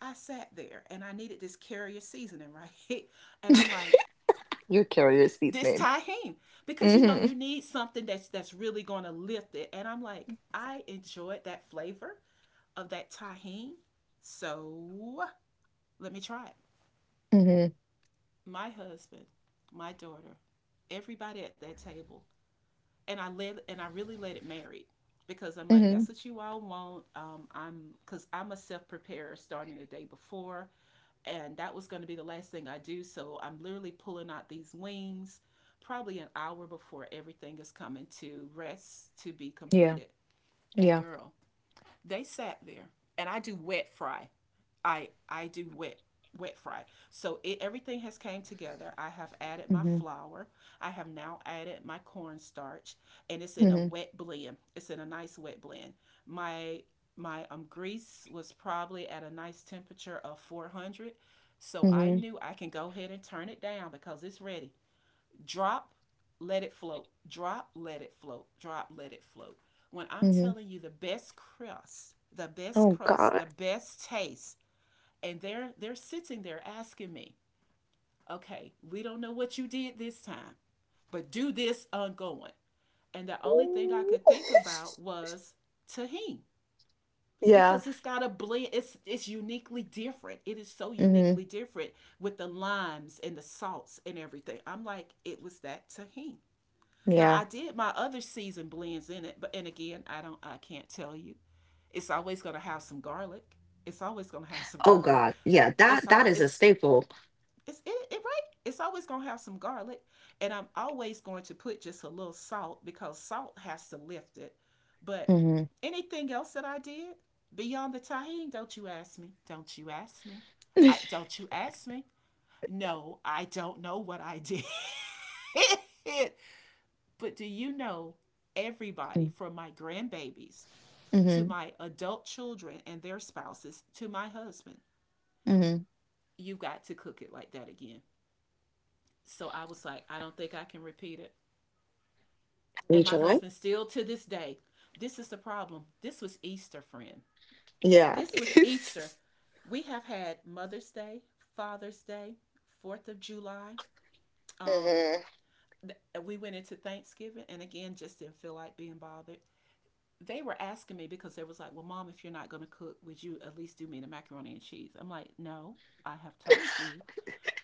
Speaker 1: I sat there and I needed this carrier seasoning, right? And I'm like,
Speaker 2: You're curious
Speaker 1: this
Speaker 2: seasoning.
Speaker 1: tahine because you know
Speaker 2: Hmm.
Speaker 1: you need something that's really going to lift it. And I'm like, I enjoyed that flavor of that tahine. So, let me try it.
Speaker 2: Hmm.
Speaker 1: My husband, my daughter, everybody at that table and I really let it marinate because I'm like that's
Speaker 2: Hmm.
Speaker 1: what you all want. I'm because I'm a self preparer starting the day before, and that was going to be the last thing I do. So I'm literally pulling out these wings, probably an hour before everything is coming to rest to be
Speaker 2: Yeah.
Speaker 1: completed. And
Speaker 2: Yeah.
Speaker 1: girl, they sat there, and I do wet fry. I do wet fry. So it, everything has came together. I have added my
Speaker 2: Hmm.
Speaker 1: flour. I have now added my cornstarch, and it's in a
Speaker 2: Hmm.
Speaker 1: wet blend. It's in a nice wet blend. My my grease was probably at a nice temperature of 400. So I
Speaker 2: Hmm.
Speaker 1: knew I can go ahead and turn it down because it's ready. Drop, let it float. Drop, let it float. Drop, let it float. When I'm
Speaker 2: Hmm.
Speaker 1: telling you the best crust, the best
Speaker 2: Oh
Speaker 1: crust,
Speaker 2: God.
Speaker 1: the best taste, and they're sitting there asking me, "Okay, we don't know what you did this time, but do this ongoing." And the only thing I
Speaker 2: Ooh.
Speaker 1: could think about was tahini
Speaker 2: Yeah.
Speaker 1: because it's got a blend. It's uniquely different. It is so
Speaker 2: Hmm.
Speaker 1: uniquely different with the limes and the salts and everything. I'm like, it was that tahini. Now
Speaker 2: Yeah.
Speaker 1: I did my other season blends in it, but and again I can't tell you. It's always gonna have some garlic. It's always gonna have some
Speaker 2: Oh
Speaker 1: garlic.
Speaker 2: God. Yeah,
Speaker 1: It's
Speaker 2: that
Speaker 1: all
Speaker 2: is a staple.
Speaker 1: it's it, it right. It's always gonna have some garlic, and I'm always going to put just a little salt because salt has to lift it. But
Speaker 2: Hmm.
Speaker 1: anything else that I did beyond the tahini, don't you ask me? Don't you ask me? I don't you ask me? No, I don't know what I did. But do you know everybody from my grandbabies to
Speaker 2: Mm-hmm.
Speaker 1: my adult children and their spouses to my husband?
Speaker 2: Mm-hmm. Have
Speaker 1: You've got to cook it like that again. So I was like, I don't think I can repeat it.
Speaker 2: you
Speaker 1: And my
Speaker 2: tried?
Speaker 1: husband still to this day, this is the problem. This was Easter, friend.
Speaker 2: Yeah.
Speaker 1: This was Easter. We have had Mother's Day, Father's Day, 4th of July. Um,
Speaker 2: Mm-hmm.
Speaker 1: we went into Thanksgiving and again just didn't feel like being bothered. They were asking me because they was like, "Well, mom, if you're not going to cook, would you at least do me the macaroni and cheese?" I'm like, "No, I have told you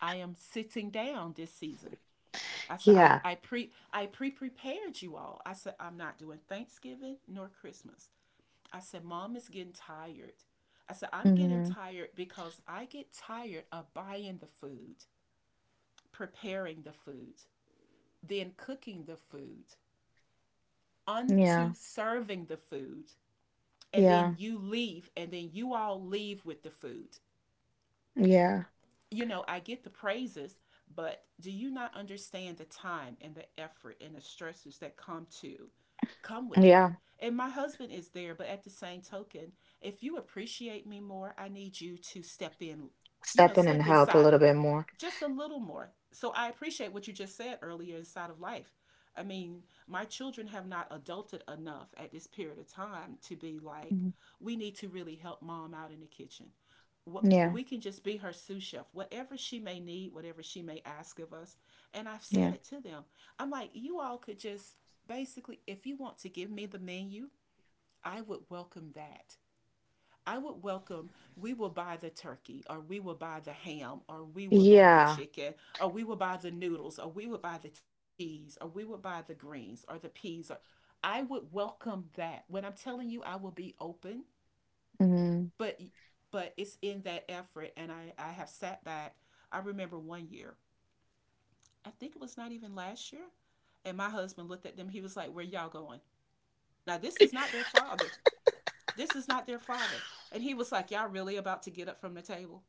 Speaker 1: I am sitting down this season." I said, "I
Speaker 2: Yeah.
Speaker 1: I pre I pre prepared you all." I said, "I'm not doing Thanksgiving nor Christmas." I said, "Mom is getting tired." I said, "I'm getting
Speaker 2: Hmm.
Speaker 1: tired because I get tired of buying the food, preparing the food, then cooking the food,
Speaker 2: Yeah.
Speaker 1: unto serving the food." And
Speaker 2: Yeah.
Speaker 1: then you all leave with the food,
Speaker 2: Yeah.
Speaker 1: you know, I get the praises, but do you not understand the time and the effort and the stresses that come with that?
Speaker 2: Yeah.
Speaker 1: And my husband is there, but at the same token, if you appreciate me more, I need you to step in, you know,
Speaker 2: Step in and
Speaker 1: step
Speaker 2: help a
Speaker 1: inside of
Speaker 2: little bit more.
Speaker 1: just a little more. So I appreciate what you just said earlier inside of life. I mean, my children have not adulted enough at this period of time to be like,
Speaker 2: Mhm.
Speaker 1: we need to really help mom out in the kitchen.
Speaker 2: Yeah.
Speaker 1: We can just be her sous chef, whatever she may need, whatever she may ask of us. And I've said
Speaker 2: Yeah.
Speaker 1: it to them. I'm like, you all could just basically, if you want to give me the menu, I would welcome that. I would welcome, we will buy the turkey, or we will buy the ham, or we will buy the
Speaker 2: Yeah.
Speaker 1: chicken, or we will buy the noodles, or we will buy the cheese, or we will buy the greens, or the peas. Or I would welcome that. When I'm telling you, I will be open
Speaker 2: Hmm.
Speaker 1: but but it's in that effort and I have sat back. I remember one year, I think it was not even last year, and my husband looked at them. He was like, where y'all going? Now this is not their father. This is not their father. And he was like, y'all really about to get up from the table?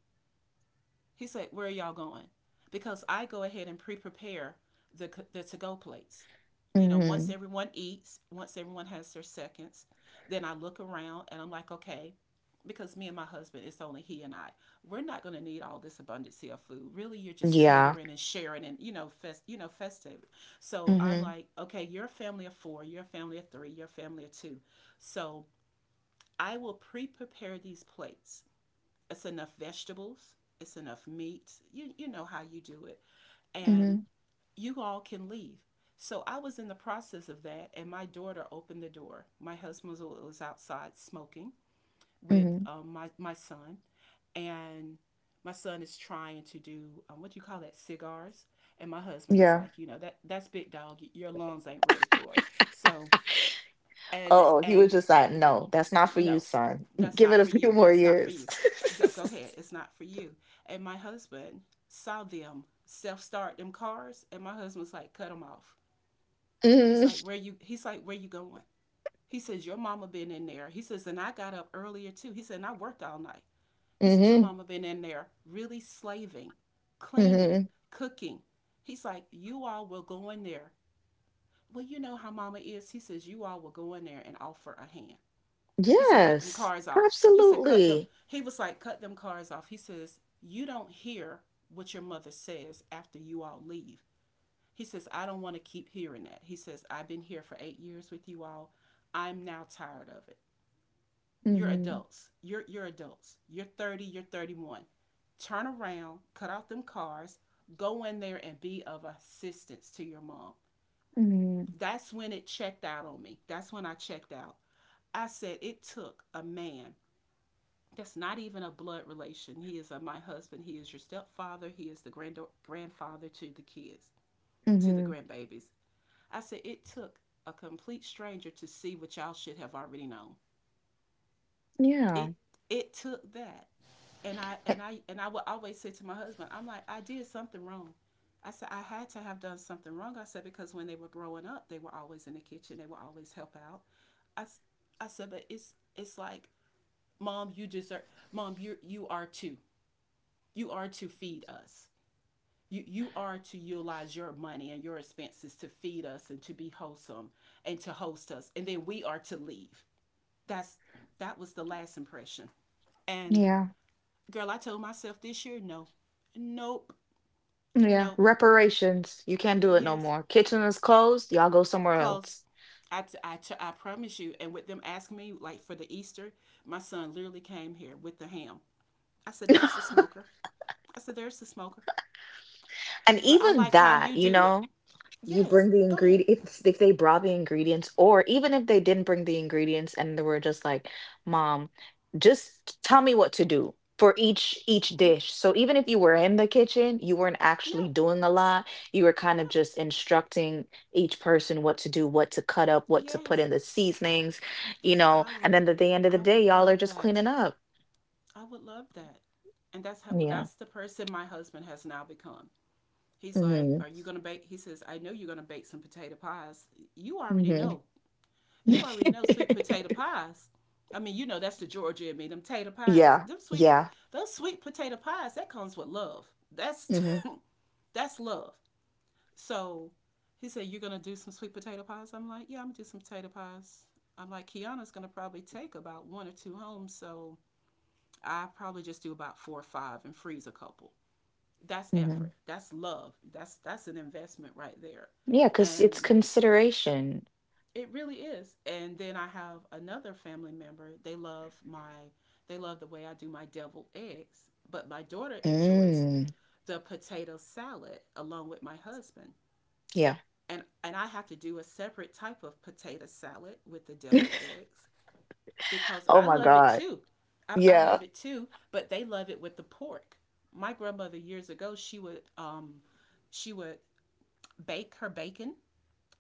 Speaker 1: He said, where are y'all going? Because I go ahead and pre prepare the to go plates. You know, once
Speaker 2: Hmm.
Speaker 1: everyone eats, once everyone has their seconds, then I look around and I'm like, okay, because me and my husband, it's only he and I. We're not going to need all this abundance of food. Really, you're just
Speaker 2: Yeah.
Speaker 1: catering and sharing and you know, you know, festive. So I'm
Speaker 2: Hmm.
Speaker 1: like, okay, you're a family of four, you're a family of three, you're a family of two. So I will pre-prepare these plates. It's enough vegetables, it's enough meat. You know how you do it.
Speaker 2: Hmm.
Speaker 1: And you all can leave. So I was in the process of that and my daughter opened the door. My husband was outside smoking with
Speaker 2: Hmm.
Speaker 1: my son and my son is trying to do what do you call that, cigars, and my husband is
Speaker 2: Yeah.
Speaker 1: like, you know that that's big dog, your lungs ain't ready for it. So and
Speaker 2: Oh, he was
Speaker 1: and
Speaker 2: just like,
Speaker 1: you,
Speaker 2: no, that's not for you,
Speaker 1: no,
Speaker 2: son.
Speaker 1: that's
Speaker 2: Give
Speaker 1: not
Speaker 2: it a
Speaker 1: for
Speaker 2: few
Speaker 1: you.
Speaker 2: more
Speaker 1: That's not for
Speaker 2: years.
Speaker 1: you. Go go ahead. It's not for you. And my husband saw them self start them cars, and my husband was like, cut them off. He's
Speaker 2: Hmm.
Speaker 1: like, where you? He's like, where you going? He says, your mama been in there. He says, and I got up earlier too. He said, and I worked all night. He says, your
Speaker 2: Hmm.
Speaker 1: mama been in there really slaving, cleaning,
Speaker 2: Hmm.
Speaker 1: cooking. He's like, you all will go in there. Well, you know how mama is. He says, you all will go in there and offer a hand. He said, cut them
Speaker 2: Yes.
Speaker 1: cars off. He said, cut them.
Speaker 2: Absolutely.
Speaker 1: He was like, cut them cars off. He says, you don't hear what your mother says after you all leave. He says, I don't want to keep hearing that. He says, I've been here for 8 years with you all. I'm now tired of it. You're
Speaker 2: Hmm.
Speaker 1: adults. You're adults. You're 30, you're 31. Turn around, cut off them cars, go in there and be of assistance to your mom.
Speaker 2: Hmm.
Speaker 1: That's when it checked out on me. That's when I checked out. I said it took a man that's not even a blood relation. He is my husband. He is your stepfather. He is the grandfather to the kids, to the
Speaker 2: Hmm.
Speaker 1: grandbabies. I said it took a complete stranger to see what y'all should have already known.
Speaker 2: Yeah.
Speaker 1: It it took that. And I would always say to my husband, I'm like, I did something wrong. I said I had to have done something wrong. I said because when they were growing up, they were always in the kitchen. They would always help out. I said, but it's like, mom, you deserve, mom, you are too. You are to feed us. You are to utilize your money and your expenses to feed us and to be wholesome and to host us. And then we are to leave. That's that was the last impression. And
Speaker 2: Yeah.
Speaker 1: girl, I told myself this year, no, nope,
Speaker 2: Yeah.
Speaker 1: nope,
Speaker 2: Reparations. You can't do it no
Speaker 1: yes,
Speaker 2: more. Kitchen is closed. Y'all go somewhere
Speaker 1: close.
Speaker 2: else.
Speaker 1: I promise you. And with them asking me, like for the Easter, my son literally came here with the ham. I said,
Speaker 2: And
Speaker 1: there's the smoker. I said, there's the smoker. But I
Speaker 2: even
Speaker 1: like how
Speaker 2: that,
Speaker 1: you
Speaker 2: you
Speaker 1: do it.
Speaker 2: know, you
Speaker 1: Yes,
Speaker 2: bring the
Speaker 1: go ahead.
Speaker 2: ingredients if they brought the ingredients, or even if they didn't bring the ingredients and they were just like, "Mom, just tell me what to do for each
Speaker 1: Yeah,
Speaker 2: dish." So even if you were in the kitchen, you weren't actually
Speaker 1: yeah.
Speaker 2: doing a lot. You were kind
Speaker 1: Yeah.
Speaker 2: of just instructing each person what to do, what to cut up, what to put
Speaker 1: Yes.
Speaker 2: in the seasonings, you know.
Speaker 1: I
Speaker 2: And
Speaker 1: would.
Speaker 2: then at the end of the
Speaker 1: I would
Speaker 2: day, y'all are
Speaker 1: love
Speaker 2: just
Speaker 1: that.
Speaker 2: cleaning up.
Speaker 1: I would love that. And that's how. Well,
Speaker 2: Yeah.
Speaker 1: that's the person my husband has now become. He's like,
Speaker 2: Mm-hmm.
Speaker 1: "Are you gonna bake?" He says, "I know you're gonna bake some potato pies. You already
Speaker 2: Mm-hmm.
Speaker 1: know. You already know sweet potato pies. I mean, you know that's the Georgia in me. Them potato pies.
Speaker 2: Yeah.
Speaker 1: Them sweet.
Speaker 2: Yeah.
Speaker 1: Those sweet potato pies. That comes with love. That's
Speaker 2: Mm-hmm.
Speaker 1: that's love." So he said, "You're going to do some sweet potato pies?" I'm like, "Yeah, I'm going to do some potato pies." I'm like, Kiana's going to probably take about one or two home. So I probably just do about four or five and freeze a couple. That's
Speaker 2: Mm-hmm.
Speaker 1: effort. That's love. That's an investment right there.
Speaker 2: Yeah, cause it's
Speaker 1: And
Speaker 2: consideration.
Speaker 1: it really is. And then I have another family member. They love the way I do my deviled eggs, but my daughter enjoys
Speaker 2: Mm,
Speaker 1: the potato salad along with my husband.
Speaker 2: yeah.
Speaker 1: And I have to do a separate type of potato salad with the deviled eggs because
Speaker 2: Oh
Speaker 1: I
Speaker 2: my
Speaker 1: love it
Speaker 2: God.
Speaker 1: too. I
Speaker 2: Yeah.
Speaker 1: love it too, but they love it with the pork. My grandmother years ago, she would bake her bacon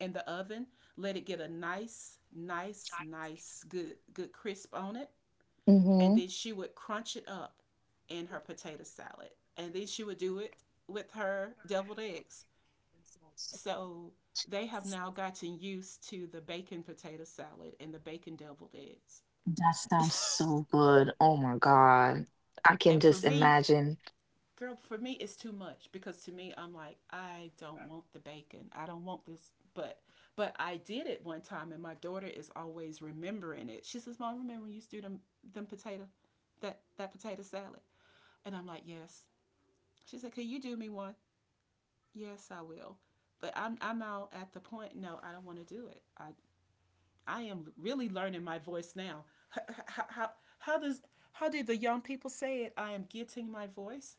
Speaker 1: in the oven, let it get a nice, nice, nice, good, good crisp on it, and
Speaker 2: Mm-hmm.
Speaker 1: then she would crunch it up in her potato salad, and then she would do it with her deviled eggs so they have now gotten used to the bacon potato salad and the bacon deviled eggs.
Speaker 2: That sounds so good. Oh my God. I can
Speaker 1: And for
Speaker 2: just
Speaker 1: me,
Speaker 2: imagine.
Speaker 1: girl, for me, it's too much because to me, I'm like, I don't want the bacon. I don't want this. But I did it one time, and my daughter is always remembering it. She says, "Mom, remember when you used to do them them potato, that that potato salad?" And I'm like, "Yes." She said, "Can you do me one?" "Yes, I will." But I'm out at the point. No, I don't want to do it. I am really learning my voice now. How, how, how does how did the young people say it? I am getting my voice.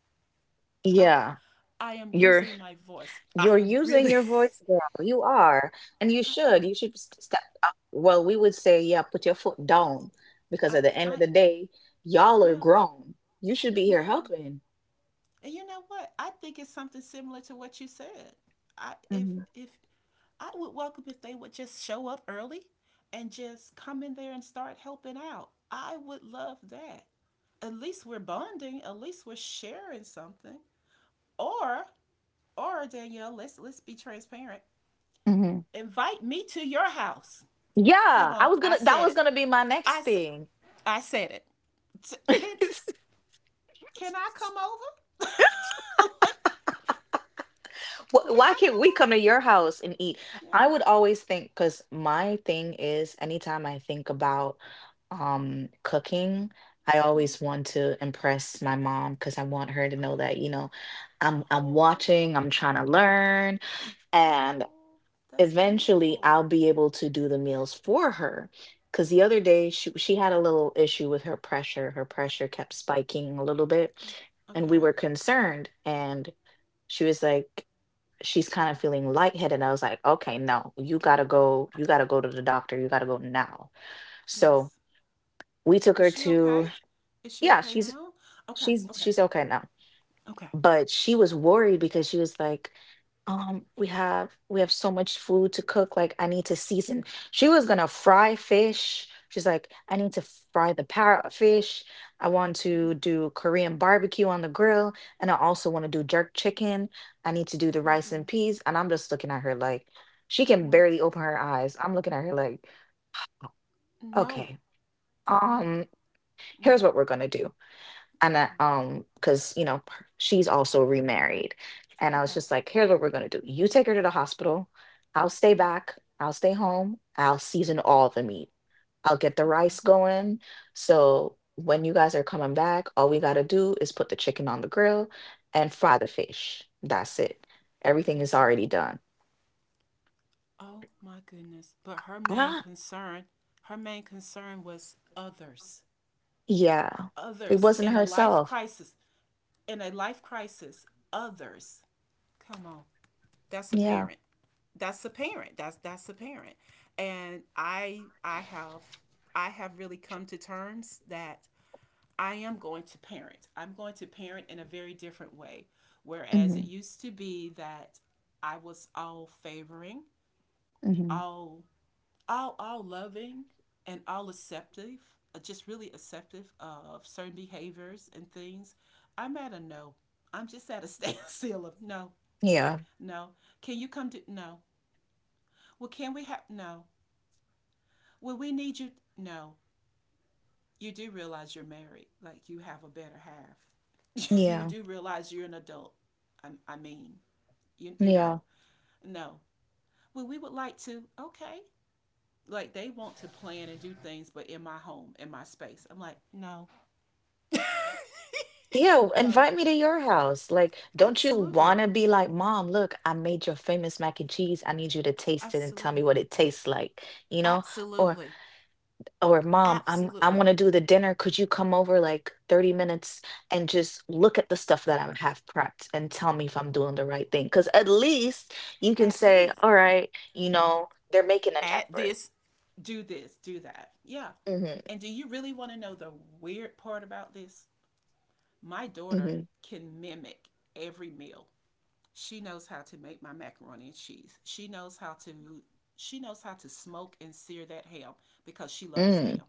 Speaker 1: I
Speaker 2: Yeah.
Speaker 1: I am
Speaker 2: You're
Speaker 1: using my voice. I
Speaker 2: you're
Speaker 1: am
Speaker 2: using
Speaker 1: really
Speaker 2: your voice, girl. You are. And you
Speaker 1: I
Speaker 2: should.
Speaker 1: am.
Speaker 2: You should s- step up. Well, we would say, yeah, put your foot down because
Speaker 1: I
Speaker 2: at the end of
Speaker 1: I.
Speaker 2: the day, y'all are
Speaker 1: Yeah,
Speaker 2: grown. You should be here
Speaker 1: yeah.
Speaker 2: helping.
Speaker 1: And you know what? I think it's something similar to what you said. I if
Speaker 2: Hmm.
Speaker 1: if I would welcome if they would just show up early and just come in there and start helping out. I would love that. At least we're bonding, at least we're sharing something. Or Or Danielle, let's be transparent.
Speaker 2: Hmm.
Speaker 1: Invite me to your house. Come
Speaker 2: Yeah, I
Speaker 1: on,
Speaker 2: was
Speaker 1: I
Speaker 2: gonna that
Speaker 1: said
Speaker 2: was
Speaker 1: it.
Speaker 2: gonna be my next
Speaker 1: I
Speaker 2: thing.
Speaker 1: I said it. can can I come over? Like,
Speaker 2: Wh-
Speaker 1: can
Speaker 2: Why
Speaker 1: I
Speaker 2: can't
Speaker 1: come
Speaker 2: we come to your house and eat?
Speaker 1: over?
Speaker 2: I
Speaker 1: Yeah.
Speaker 2: would always think because my thing is anytime I think about cooking, I
Speaker 1: Yes.
Speaker 2: always want to impress my mom because I want her to know
Speaker 1: Okay.
Speaker 2: that, you know, I'm
Speaker 1: Oh.
Speaker 2: watching, I'm trying to learn, and
Speaker 1: Oh. That's
Speaker 2: eventually
Speaker 1: beautiful.
Speaker 2: I'll be able to do the meals for her. Because the other day she had a little issue with her pressure. Her pressure kept spiking a little bit, and we
Speaker 1: Okay.
Speaker 2: were concerned. And she was like, she's kind of feeling lightheaded. And I was like, okay, no, you gotta go to the doctor, you gotta go now. So
Speaker 1: Yes.
Speaker 2: we took
Speaker 1: Is
Speaker 2: her
Speaker 1: she
Speaker 2: to,
Speaker 1: okay? Is she
Speaker 2: yeah,
Speaker 1: okay now? Okay. Okay.
Speaker 2: she's okay now.
Speaker 1: Okay.
Speaker 2: But she was worried because she was like, we have so much food to cook, like I need to season. She was gonna fry fish. She's like, I need to fry the parrotfish. I want
Speaker 1: Mhm.
Speaker 2: to do Korean barbecue on the grill, and I also want to do jerk chicken. I need to do the
Speaker 1: Oh my
Speaker 2: rice and
Speaker 1: goodness.
Speaker 2: peas. And I'm just looking at her like she can
Speaker 1: What?
Speaker 2: barely open her eyes. I'm looking at her like,
Speaker 1: No.
Speaker 2: okay,
Speaker 1: No.
Speaker 2: um, here's
Speaker 1: Yeah.
Speaker 2: what we're gonna do. And I,
Speaker 1: Okay.
Speaker 2: because she's also remarried. And I
Speaker 1: Okay.
Speaker 2: was just like, here's what we're going to do: you take her to the hospital, I'll stay
Speaker 1: Yeah.
Speaker 2: back, I'll stay home, I'll season all the meat, I'll get the
Speaker 1: Okay.
Speaker 2: rice going, so when you guys are coming back all we got to do is put the chicken on the grill and fry the fish. That's it. Everything is
Speaker 1: That's it.
Speaker 2: already done.
Speaker 1: Oh my goodness. But
Speaker 2: Ah.
Speaker 1: her main concern was others.
Speaker 2: Yeah, it
Speaker 1: Others
Speaker 2: wasn't
Speaker 1: in a life
Speaker 2: herself.
Speaker 1: crisis, in a life crisis, others. Come on. That's a
Speaker 2: Yeah.
Speaker 1: parent. That's a parent. That's a parent. And I have really come to terms that I am going to parent. I'm going to parent in a very different way. Whereas it
Speaker 2: Hmm.
Speaker 1: used to be that I was all favoring,
Speaker 2: Hmm.
Speaker 1: all all loving and all acceptive, just really acceptive of certain behaviors and things, I'm at a no. I'm just at a standstill of no,
Speaker 2: Yeah,
Speaker 1: no. Can you come to no? Well, can we have no? Well, we need you no. You do realize you're married, like you have a better half. You
Speaker 2: yeah,
Speaker 1: do realize you're an adult. I mean, you
Speaker 2: yeah.
Speaker 1: know, no. Well, we would like to. Okay, like they want to plan and do things, but in my home, in my space, I'm like, no,
Speaker 2: Yeah,
Speaker 1: no.
Speaker 2: invite me to your house. Like, don't you
Speaker 1: Absolutely.
Speaker 2: want to be like, Mom, look, I made your famous mac and cheese. I need you to taste it and tell me
Speaker 1: Absolutely.
Speaker 2: what it tastes like, you know? Or
Speaker 1: Absolutely.
Speaker 2: or Mom, I
Speaker 1: Absolutely.
Speaker 2: want to do the dinner. Could you come over like 30 minutes and just look at the stuff that I have prepped and tell me if I'm doing the right thing? Because at least you can
Speaker 1: At
Speaker 2: say,
Speaker 1: least.
Speaker 2: all right, they're making an
Speaker 1: At
Speaker 2: effort.
Speaker 1: this. Do this. Do that. Yeah.
Speaker 2: Mm-hmm.
Speaker 1: And do you really want to know the weird part about this? My daughter
Speaker 2: Mm-hmm.
Speaker 1: can mimic every meal. She knows how to make my macaroni and cheese. She knows how to smoke and sear that ham because she loves
Speaker 2: Mm,
Speaker 1: ham.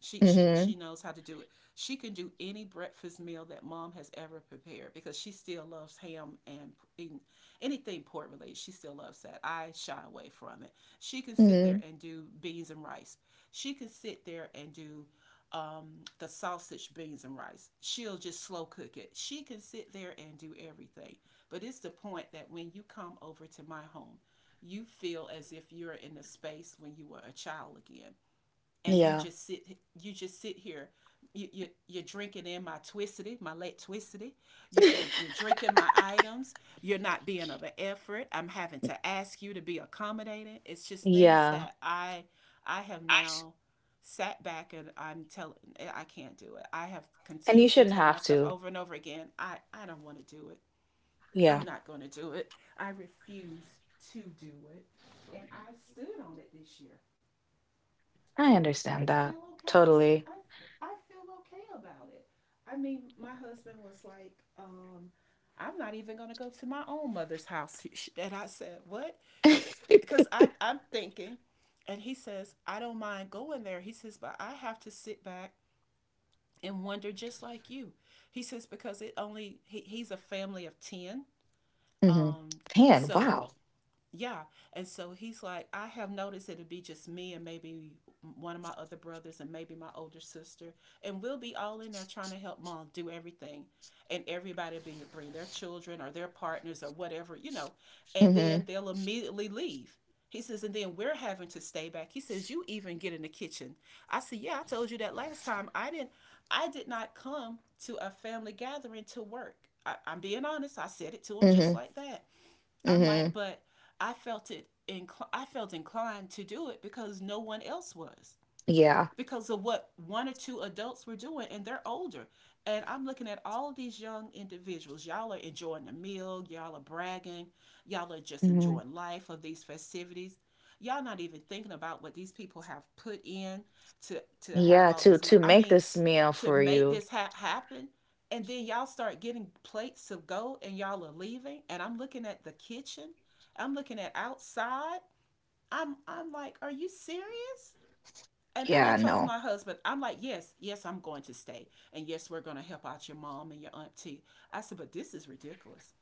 Speaker 1: She she
Speaker 2: hmm.
Speaker 1: she knows how to do it. She can do any breakfast meal that mom has ever prepared because she still loves ham and anything pork related. She still loves that. I shy away from it. She can sit
Speaker 2: Mm-hmm.
Speaker 1: there and do beans and rice. She can sit there and do the sausage, beans, and rice. She'll just slow cook it. She can sit there and do everything. But it's the point that when you come over to my home, you feel as if you're in a space when you were a child again and you
Speaker 2: Yeah.
Speaker 1: just sit, you just sit here, you're drinking in my twistity, my late twistity, you're drinking my items, you're not being of an effort, I'm having to ask you to be accommodating. It's just things
Speaker 2: Yeah.
Speaker 1: that I have
Speaker 2: I s-
Speaker 1: now sat back and I'm telling, I can't do it. I have
Speaker 2: And you
Speaker 1: continuously
Speaker 2: shouldn't
Speaker 1: told
Speaker 2: have
Speaker 1: myself
Speaker 2: to.
Speaker 1: over and over again, I don't want to do it. I'm
Speaker 2: Yeah.
Speaker 1: not going to do it. I refuse to do it, and I stood on it this year,
Speaker 2: I
Speaker 1: and I
Speaker 2: understand that
Speaker 1: feel okay.
Speaker 2: totally.
Speaker 1: I, I feel okay about it. I mean, my husband was like, I'm not even going to go to my own mother's house. And I said, "What?" Because
Speaker 2: Hmm.
Speaker 1: I'm thinking, and he says, "I don't mind going there." He says, "But I have to sit back and wonder just like you." He says, "Because it only, he's a family of 10." Um,
Speaker 2: Man,
Speaker 1: so
Speaker 2: wow.
Speaker 1: yeah. And so he's like, "I have noticed it'll be just me and maybe one of my other brothers and maybe my older sister. And we'll be all in there trying to help mom do everything. And everybody will be bring their children or their partners or whatever, you know. And then
Speaker 2: Hmm.
Speaker 1: they'll immediately leave." He says, "And then we're having to stay back." He says, "You even get in the kitchen." I said, "Yeah, I told you that last time. I did not come to a family gathering to work. I'm being honest." I said it to him just
Speaker 2: Hmm.
Speaker 1: like that. I'm like,
Speaker 2: Hmm.
Speaker 1: but I felt it. I felt inclined to do it because no one else was,
Speaker 2: Yeah.
Speaker 1: because of what one or two adults were doing and they're older, and I'm looking at all these young individuals. Y'all are enjoying the meal, y'all are bragging, y'all are just
Speaker 2: Hmm.
Speaker 1: enjoying life of these festivities. Y'all not even thinking about what these people have put in to have
Speaker 2: Yeah.
Speaker 1: all
Speaker 2: To
Speaker 1: this
Speaker 2: to
Speaker 1: I
Speaker 2: make
Speaker 1: mean
Speaker 2: this meal
Speaker 1: to
Speaker 2: for
Speaker 1: make
Speaker 2: you.
Speaker 1: this happen. And then y'all start getting plates of gold and y'all are leaving, and I'm looking at the kitchen, I'm looking at outside, I'm like, are you serious? And I
Speaker 2: Yeah.
Speaker 1: told
Speaker 2: No.
Speaker 1: my husband, I'm like, "Yes, yes, I'm going to stay, and yes, we're going to help out your mom and your auntie." I said, "But this is ridiculous."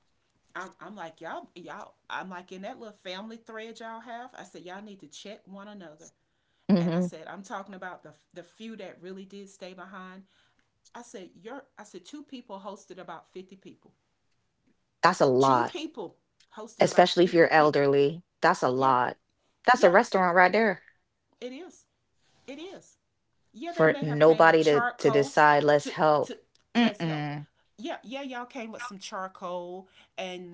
Speaker 1: I'm like, y'all, y'all. I'm like in that little family thread y'all have. I said y'all need to check one another. And I
Speaker 2: Hmm.
Speaker 1: said I'm talking about the few that really did stay behind. I said two people hosted about 50 people.
Speaker 2: That's a
Speaker 1: Two
Speaker 2: lot,
Speaker 1: people hosted about
Speaker 2: especially if you're
Speaker 1: 50 people.
Speaker 2: elderly. That's a
Speaker 1: Yeah,
Speaker 2: lot. That's a
Speaker 1: yeah,
Speaker 2: restaurant right there
Speaker 1: it is. It is. Yeah, they
Speaker 2: for
Speaker 1: may have came with
Speaker 2: nobody to
Speaker 1: charcoal
Speaker 2: decide. Let's
Speaker 1: to
Speaker 2: help.
Speaker 1: to let's help.
Speaker 2: Mm-mm.
Speaker 1: Yeah, yeah, y'all came with some charcoal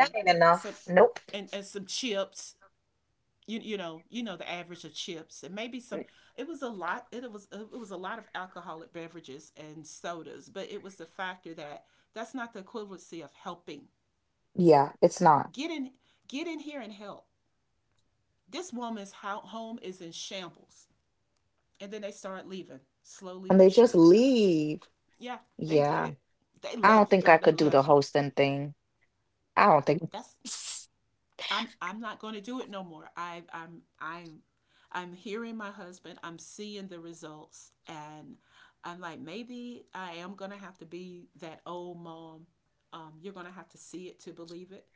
Speaker 2: That ain't
Speaker 1: some
Speaker 2: enough. Nope.
Speaker 1: and some chips. You know the average of chips, and maybe some it was a lot, it was a lot of alcoholic beverages and sodas, but it was the factor that's not the equivalency of helping.
Speaker 2: Yeah, it's not.
Speaker 1: get in get in here and help. This woman's home is in shambles, and then they start leaving slowly
Speaker 2: And
Speaker 1: but
Speaker 2: they just
Speaker 1: surely.
Speaker 2: leave.
Speaker 1: Yeah, they
Speaker 2: Yeah.
Speaker 1: did. They
Speaker 2: I don't
Speaker 1: left,
Speaker 2: think I
Speaker 1: girl. They
Speaker 2: could do the
Speaker 1: left.
Speaker 2: hosting thing. I don't think.
Speaker 1: That's I'm not going to do it no more. I'm hearing my husband. I'm seeing the results, and I'm like, maybe I am gonna have to be that old mom. You're gonna have to see it to believe it.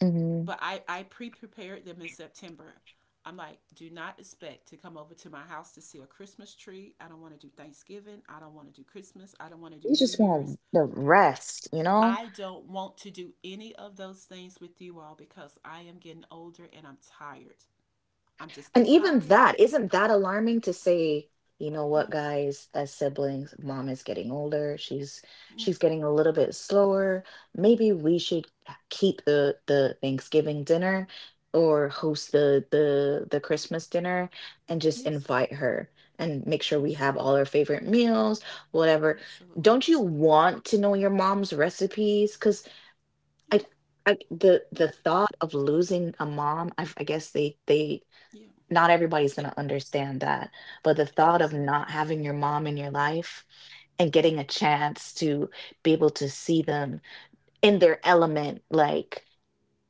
Speaker 2: Mhm.
Speaker 1: But I prepared them in September. I'm like, do not expect to come over to my house to see a Christmas tree. I don't want to do Thanksgiving. I don't want to do Christmas. I don't want to do
Speaker 2: You
Speaker 1: New
Speaker 2: just
Speaker 1: Year's.
Speaker 2: want the rest, you know?
Speaker 1: I don't want to do any of those things with you all because I am getting older and I'm tired. I'm just
Speaker 2: And
Speaker 1: getting
Speaker 2: even
Speaker 1: tired.
Speaker 2: that, isn't that alarming to say, you know what,
Speaker 1: Yeah.
Speaker 2: guys, as siblings, mom is getting older, she's
Speaker 1: Yeah.
Speaker 2: she's getting a little bit slower. Maybe we should keep the Thanksgiving dinner or host the Christmas dinner and just
Speaker 1: Yes.
Speaker 2: invite her and make sure we have
Speaker 1: Absolutely.
Speaker 2: all our favorite meals, whatever.
Speaker 1: Absolutely.
Speaker 2: Don't you want to know your mom's recipes? I,
Speaker 1: Yeah.
Speaker 2: I the
Speaker 1: Yeah.
Speaker 2: thought of losing a mom, I guess they
Speaker 1: Yeah.
Speaker 2: not everybody's
Speaker 1: Th-
Speaker 2: gonna understand that, but the thought of not
Speaker 1: Absolutely.
Speaker 2: having your mom in your life and
Speaker 1: Yeah.
Speaker 2: getting a chance to be able to see them in their element, like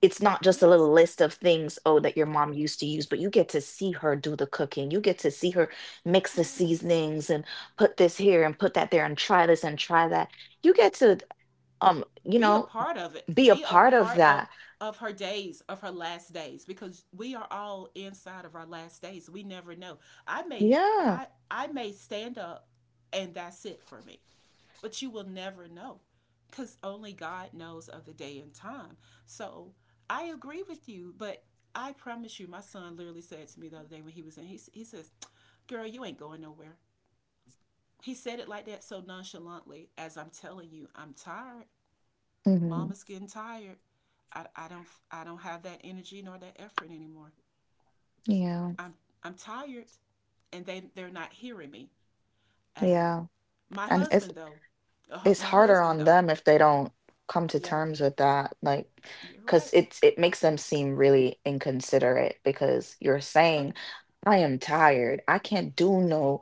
Speaker 2: it's not just a
Speaker 1: Yes.
Speaker 2: little list of things oh that your mom used to use, but you get to see her do the cooking. You get to see her mix the
Speaker 1: Yes.
Speaker 2: seasonings and put this here and put that there and try this and try that. You get to um you
Speaker 1: Be a
Speaker 2: know
Speaker 1: part of it.
Speaker 2: be a
Speaker 1: Be a
Speaker 2: part of
Speaker 1: part of
Speaker 2: that.
Speaker 1: her days, of her last days, because we are all inside of our last days. We never know. I may
Speaker 2: Yeah.
Speaker 1: I may stand up, and that's it for me. But you will never know, because only God knows of the day and time. So I agree with you, but I promise you, my son literally said to me the other day when he was in, he says, "Girl, you ain't going nowhere." He said it like that so nonchalantly, as I'm telling you, I'm tired.
Speaker 2: Mhm.
Speaker 1: Mama's getting tired. I don't have that energy nor that effort anymore.
Speaker 2: Yeah.
Speaker 1: I'm I'm tired, and they're not hearing me. And
Speaker 2: Yeah.
Speaker 1: my
Speaker 2: And it's
Speaker 1: husband though,
Speaker 2: it's
Speaker 1: my
Speaker 2: harder
Speaker 1: husband
Speaker 2: on
Speaker 1: though,
Speaker 2: them if they don't come to
Speaker 1: yeah,
Speaker 2: terms with that, like,
Speaker 1: you're
Speaker 2: cause
Speaker 1: right.
Speaker 2: it makes them seem really inconsiderate because you're
Speaker 1: Oh,
Speaker 2: saying, I am tired. I can't do no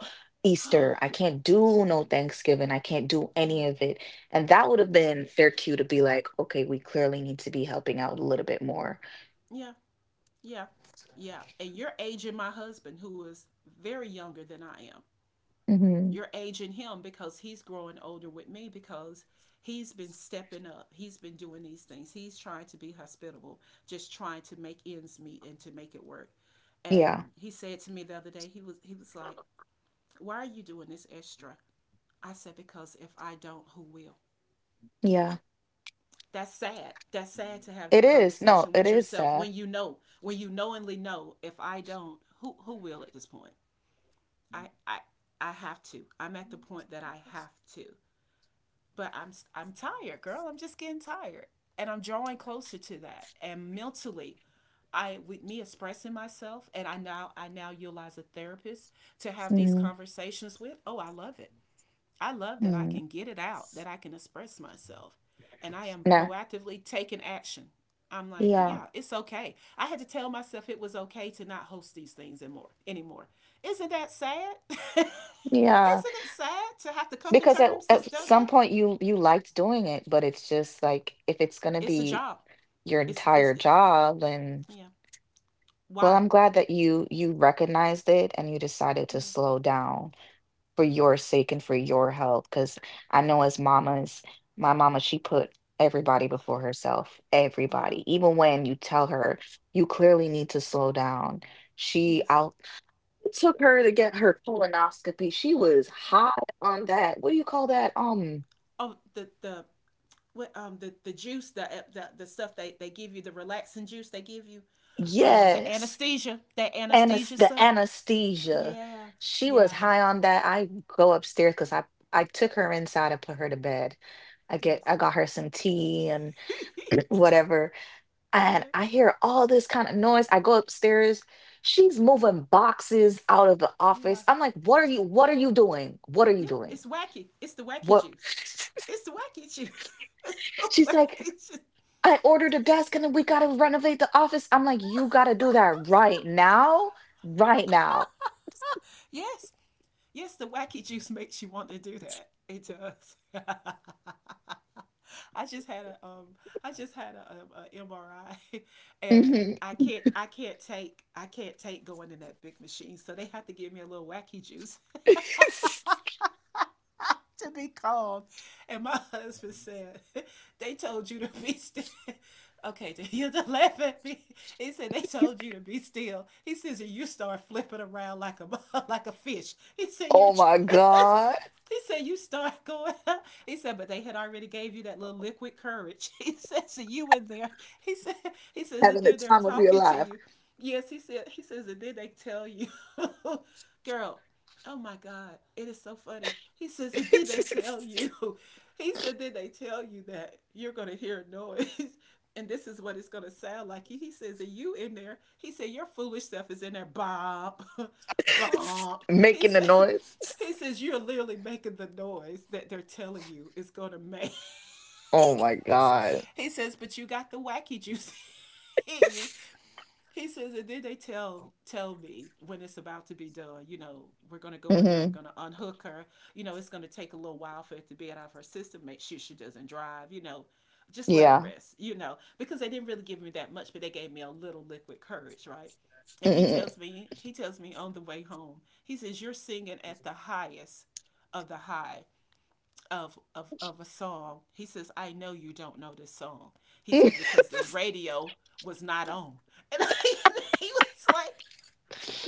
Speaker 1: oh,
Speaker 2: Easter. I can't do no Thanksgiving. I can't do
Speaker 1: yeah,
Speaker 2: any of it. And that would have been their cue to be like, okay, we clearly need to be helping out a little bit more.
Speaker 1: yeah, yeah, yeah. And you're aging my husband, who is very younger than I am.
Speaker 2: Mhm.
Speaker 1: You're aging him because he's growing older with me, because he's been stepping up. He's been doing these things. He's trying to be hospitable, just trying to make ends meet and to make it work.
Speaker 2: Yeah.
Speaker 1: And he said to me the other day, he was like, "Why are you doing this extra?" I said, "Because if I don't, who will?"
Speaker 2: Yeah.
Speaker 1: That's sad. That's sad to have
Speaker 2: It
Speaker 1: that
Speaker 2: is. No,
Speaker 1: conversation
Speaker 2: it
Speaker 1: with
Speaker 2: is
Speaker 1: yourself,
Speaker 2: sad.
Speaker 1: when when you knowingly know, if I don't, who will at this point. I I I have to I'm at the point that I have to. But I'm tired, girl. I'm just getting tired, and I'm drawing closer to that. And mentally, I with me expressing myself, and I now utilize a therapist to have these
Speaker 2: Mm-hmm.
Speaker 1: conversations with. Oh, I love it. I love that I
Speaker 2: Mm-hmm.
Speaker 1: can get it out, that I can express myself, and I am
Speaker 2: Nah.
Speaker 1: proactively taking action. I'm like,
Speaker 2: Yeah.
Speaker 1: yeah, it's okay. I had to tell myself it was okay to not host these things anymore. Anymore. Isn't that sad? Isn't
Speaker 2: Yeah.
Speaker 1: it sad to have to come to
Speaker 2: Because at,
Speaker 1: terms to
Speaker 2: at
Speaker 1: still that?
Speaker 2: some point you liked doing it, but it's just like if it's gonna
Speaker 1: It's a
Speaker 2: be
Speaker 1: job.
Speaker 2: your
Speaker 1: It's it's
Speaker 2: entire
Speaker 1: it,
Speaker 2: job, then
Speaker 1: yeah.
Speaker 2: well,
Speaker 1: Why?
Speaker 2: I'm glad that you recognized it and you decided to
Speaker 1: Yeah,
Speaker 2: slow down for
Speaker 1: yeah,
Speaker 2: your sake and for your health. Because I know as mamas, my mama, she put everybody before herself,
Speaker 1: yeah.
Speaker 2: everybody. Even when you tell her you clearly need to slow down, she
Speaker 1: Yes.
Speaker 2: out. It took her to get her colonoscopy. She was high on that. What do you call that?
Speaker 1: Oh, the juice, the stuff they give you, the relaxing juice they give you, the
Speaker 2: Yes,
Speaker 1: anesthesia, that
Speaker 2: anas
Speaker 1: anesthesia
Speaker 2: the
Speaker 1: stuff.
Speaker 2: anesthesia.
Speaker 1: Yeah,
Speaker 2: She was
Speaker 1: yeah,
Speaker 2: high on that. I go upstairs because I took her inside and put her to bed. I
Speaker 1: yes.
Speaker 2: got her some tea and whatever, and
Speaker 1: Yeah,
Speaker 2: I hear all this kind of noise. I go upstairs. She's moving boxes out of the
Speaker 1: yeah,
Speaker 2: office. I'm like, what are you? What are you doing? What are you
Speaker 1: yeah.
Speaker 2: doing?
Speaker 1: It's wacky. It's the wacky
Speaker 2: What?
Speaker 1: juice. It's the wacky juice. It's the
Speaker 2: She's
Speaker 1: wacky
Speaker 2: like,
Speaker 1: juice.
Speaker 2: I ordered a desk and then we gotta renovate the office. I'm like, you gotta do that right now, right now.
Speaker 1: Yes, yes, the wacky juice makes you want to do that. It does. I just had a I just had a, MRI and
Speaker 2: Mhm.
Speaker 1: I can't take going in that big machine, so they have to give me a little wacky juice to be called. And my husband said, "They told you to be still." Okay, then he'll just laugh at me. He said, "They told you to be still." He says, "You start flipping around like a like a fish." He said, "You're
Speaker 2: Oh my God.
Speaker 1: He said, "You start going." He said, but they had already gave you that little liquid courage. He said, so you in there. He said, he says
Speaker 2: Having
Speaker 1: that
Speaker 2: the
Speaker 1: they're
Speaker 2: time of your
Speaker 1: talking to
Speaker 2: life.
Speaker 1: you. Yes, he said. He says, and then they tell you, girl. Oh my God, it is so funny. He says, and then they tell you. He said, then they tell you that you're gonna hear a noise, and this is what it's gonna sound like. He, says, are you in there? He said, your foolish self is in there, Bop, bop. He
Speaker 2: Making the
Speaker 1: said,
Speaker 2: noise.
Speaker 1: he says, "You're literally making the noise that they're telling you is going to make."
Speaker 2: Oh my God.
Speaker 1: He says, but you got the wacky juice in you. He says, and then they tell me when it's about to be done. You know, we're gonna go in there. We're
Speaker 2: Hmm.
Speaker 1: gonna unhook her. You know, it's gonna take a little while for it to be out of her system. Make sure she doesn't drive. You know, just let her
Speaker 2: Yeah.
Speaker 1: rest. You know, because they didn't really give me that much, but they gave me a little liquid courage, right? And he
Speaker 2: Hmm.
Speaker 1: tells me, he tells me on the way home, he says, "You're singing at the highest of the high" of a song. He says, "I know you don't know this song." He says, because the radio was not on. And I, he was like,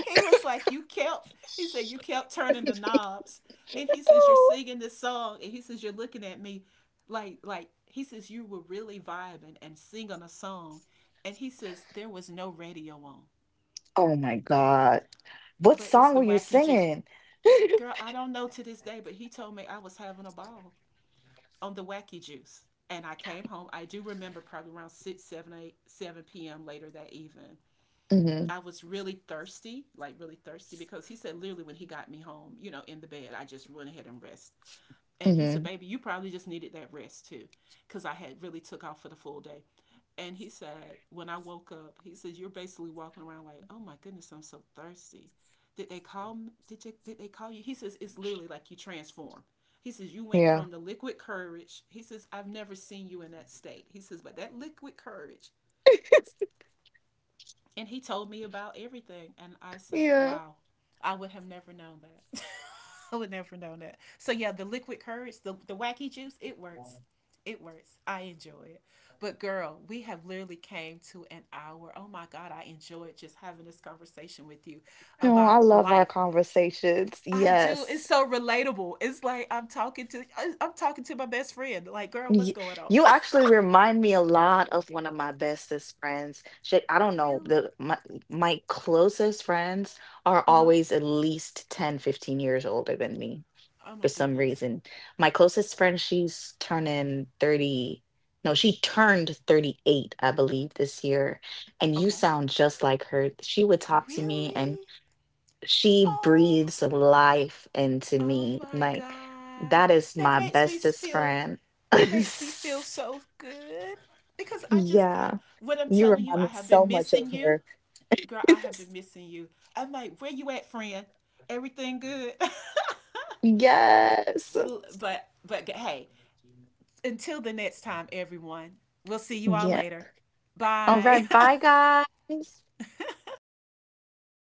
Speaker 1: he was like, you kept, he said, you kept turning the knobs. And he says, you're
Speaker 2: oh
Speaker 1: singing this song. And he says, you're looking at me like, he says, you were really vibing and singing a song. And he says, there was no radio on.
Speaker 2: oh my God. What
Speaker 1: But it's
Speaker 2: song
Speaker 1: the
Speaker 2: were you
Speaker 1: wacky juice.
Speaker 2: singing?
Speaker 1: Girl, I don't know to this day, but he told me I was having a ball on the wacky juice. And I came home. I do remember, probably around 6, 7, 8, 7 p.m. later that evening,
Speaker 2: Hmm.
Speaker 1: I was really thirsty, like really thirsty, because he said literally when he got me home, you know, in the bed, I just went ahead and rest. And he said,
Speaker 2: Hmm.
Speaker 1: baby, you probably just needed that rest too, because I had really took off for the full day. And he said, when I woke up, he says, you're basically walking around like, oh my goodness, I'm so thirsty. Did they call Did you? Did they call you? He says it's literally like you transform. He says you went
Speaker 2: Yeah.
Speaker 1: from the liquid courage. He says, I've never seen you in that state. He says, but that liquid courage. And he told me about everything, and I said,
Speaker 2: Yeah.
Speaker 1: wow, I would have never known that. I would never know that. So yeah, the liquid courage, the wacky juice, it works. It works. I enjoy it. But girl, we have literally came to an hour. Oh my God, I enjoyed just having this conversation with you
Speaker 2: Oh, I
Speaker 1: about
Speaker 2: love our
Speaker 1: life.
Speaker 2: conversations.
Speaker 1: I do. It's
Speaker 2: Yes.
Speaker 1: so relatable. It's like I'm talking to my best friend. Like, girl, what's
Speaker 2: Y-
Speaker 1: going on?
Speaker 2: You actually remind me a lot of one of my bestest friends. Shit, I don't know.
Speaker 1: Really?
Speaker 2: My closest friends are
Speaker 1: Uh huh.
Speaker 2: always at least 10, 15 years older than me
Speaker 1: Oh my
Speaker 2: for some
Speaker 1: goodness.
Speaker 2: reason. My closest friend, she's turning 30. No, she turned 38, I believe, this year. And you
Speaker 1: Okay.
Speaker 2: sound just like her. She would talk to me and
Speaker 1: Really?
Speaker 2: she
Speaker 1: Oh.
Speaker 2: breathes life into
Speaker 1: Oh
Speaker 2: me.
Speaker 1: my
Speaker 2: Like
Speaker 1: God.
Speaker 2: that is
Speaker 1: That
Speaker 2: my
Speaker 1: makes me
Speaker 2: bestest
Speaker 1: feel
Speaker 2: friend.
Speaker 1: that makes me feel so good. Because I just I
Speaker 2: Yeah.
Speaker 1: what I'm
Speaker 2: You
Speaker 1: telling you,
Speaker 2: remind
Speaker 1: I
Speaker 2: me
Speaker 1: have
Speaker 2: so
Speaker 1: been
Speaker 2: much
Speaker 1: missing
Speaker 2: of
Speaker 1: you.
Speaker 2: her.
Speaker 1: Girl, I have been missing you. I'm like, where you at, friend? Everything good?
Speaker 2: Yes.
Speaker 1: But hey, until the next time, everyone. We'll see you all
Speaker 2: Yeah.
Speaker 1: later.
Speaker 2: All
Speaker 1: Bye.
Speaker 2: right. Bye guys.